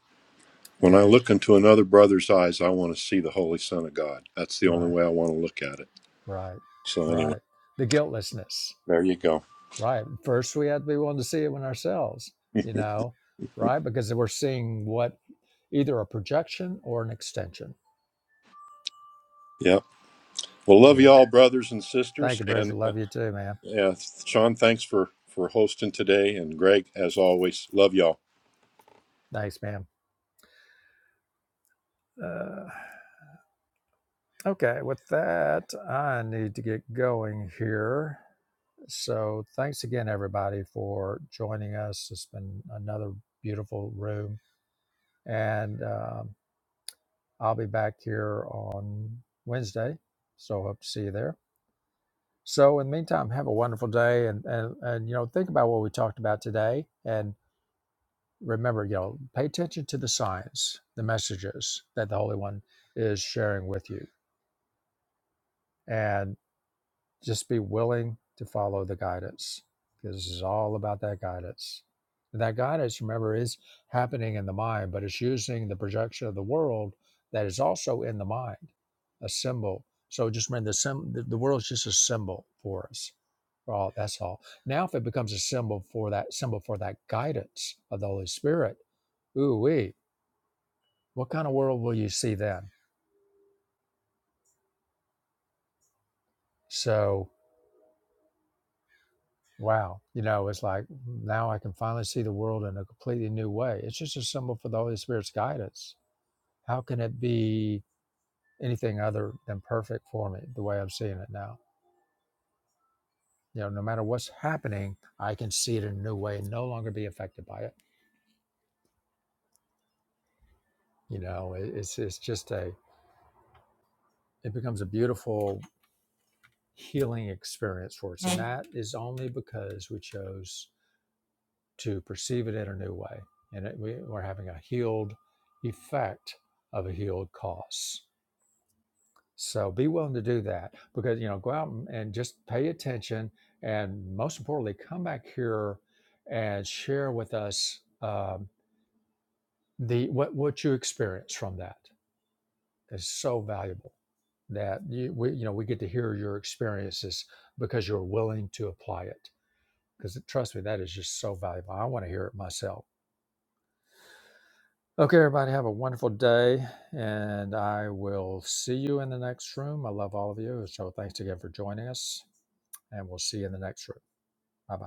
Speaker 3: When I
Speaker 1: And
Speaker 3: look into another brother's eyes, I want to see the Holy Son of God. That's the only
Speaker 1: right,
Speaker 3: way I want to look at it.
Speaker 1: right,
Speaker 3: So anyway,
Speaker 1: right. The guiltlessness,
Speaker 3: there you go.
Speaker 1: right. First, we have to be willing to see it in ourselves, you know, right? Because we're seeing what either a projection or an extension.
Speaker 3: Yep. Well, love
Speaker 1: Yeah.
Speaker 3: you all, brothers and
Speaker 1: Thank
Speaker 3: sisters.
Speaker 1: you,
Speaker 3: And
Speaker 1: Bridget.
Speaker 3: uh,
Speaker 1: Love you too, man.
Speaker 3: yeah, Sean, thanks for for hosting today. And Greg, as always, love y'all.
Speaker 1: Thanks, man. Uh, Okay, with that, I need to get going here. So, thanks again, everybody, for joining us. It's been another beautiful room, and um, I'll be back here on Wednesday. So, hope to see you there. So, in the meantime, have a wonderful day, and and and you know, think about what we talked about today, and remember, you know, pay attention to the signs, the messages that the Holy One is sharing with you, and Just be willing to follow the guidance because this is all about that guidance. And that guidance, remember, is happening in the mind, but it's using the projection of the world that is also in the mind, a symbol. So just remember, the, sim- the, the world is just a symbol for us. For all, that's all. Now, if it becomes a symbol for that symbol for that guidance of the Holy Spirit, ooh wee, what kind of world will you see then? So Wow. You know, it's like "Mm, now I can finally see the world in a completely new way. It's just a symbol for the Holy Spirit's guidance. How can it be anything other than perfect for me the way I'm seeing it now? You know, no matter what's happening, I can see it in a new way and no longer be affected by it. You know, it, it's it's just a it becomes a beautiful healing experience for us, and that is only because we chose to perceive it in a new way, and it, we, we're having a healed effect of a healed cause So be willing to do that because you know go out and and just pay attention, and most importantly, come back here and share with us um, the what what you experience from that is so valuable that you we, you know we get to hear your experiences because you're willing to apply it because trust me that is just so valuable. I want to hear it myself Okay, everybody, have a wonderful day, and I will see you in the next room. I love all of you. So, thanks again for joining us, and we'll see you in the next room. Bye bye.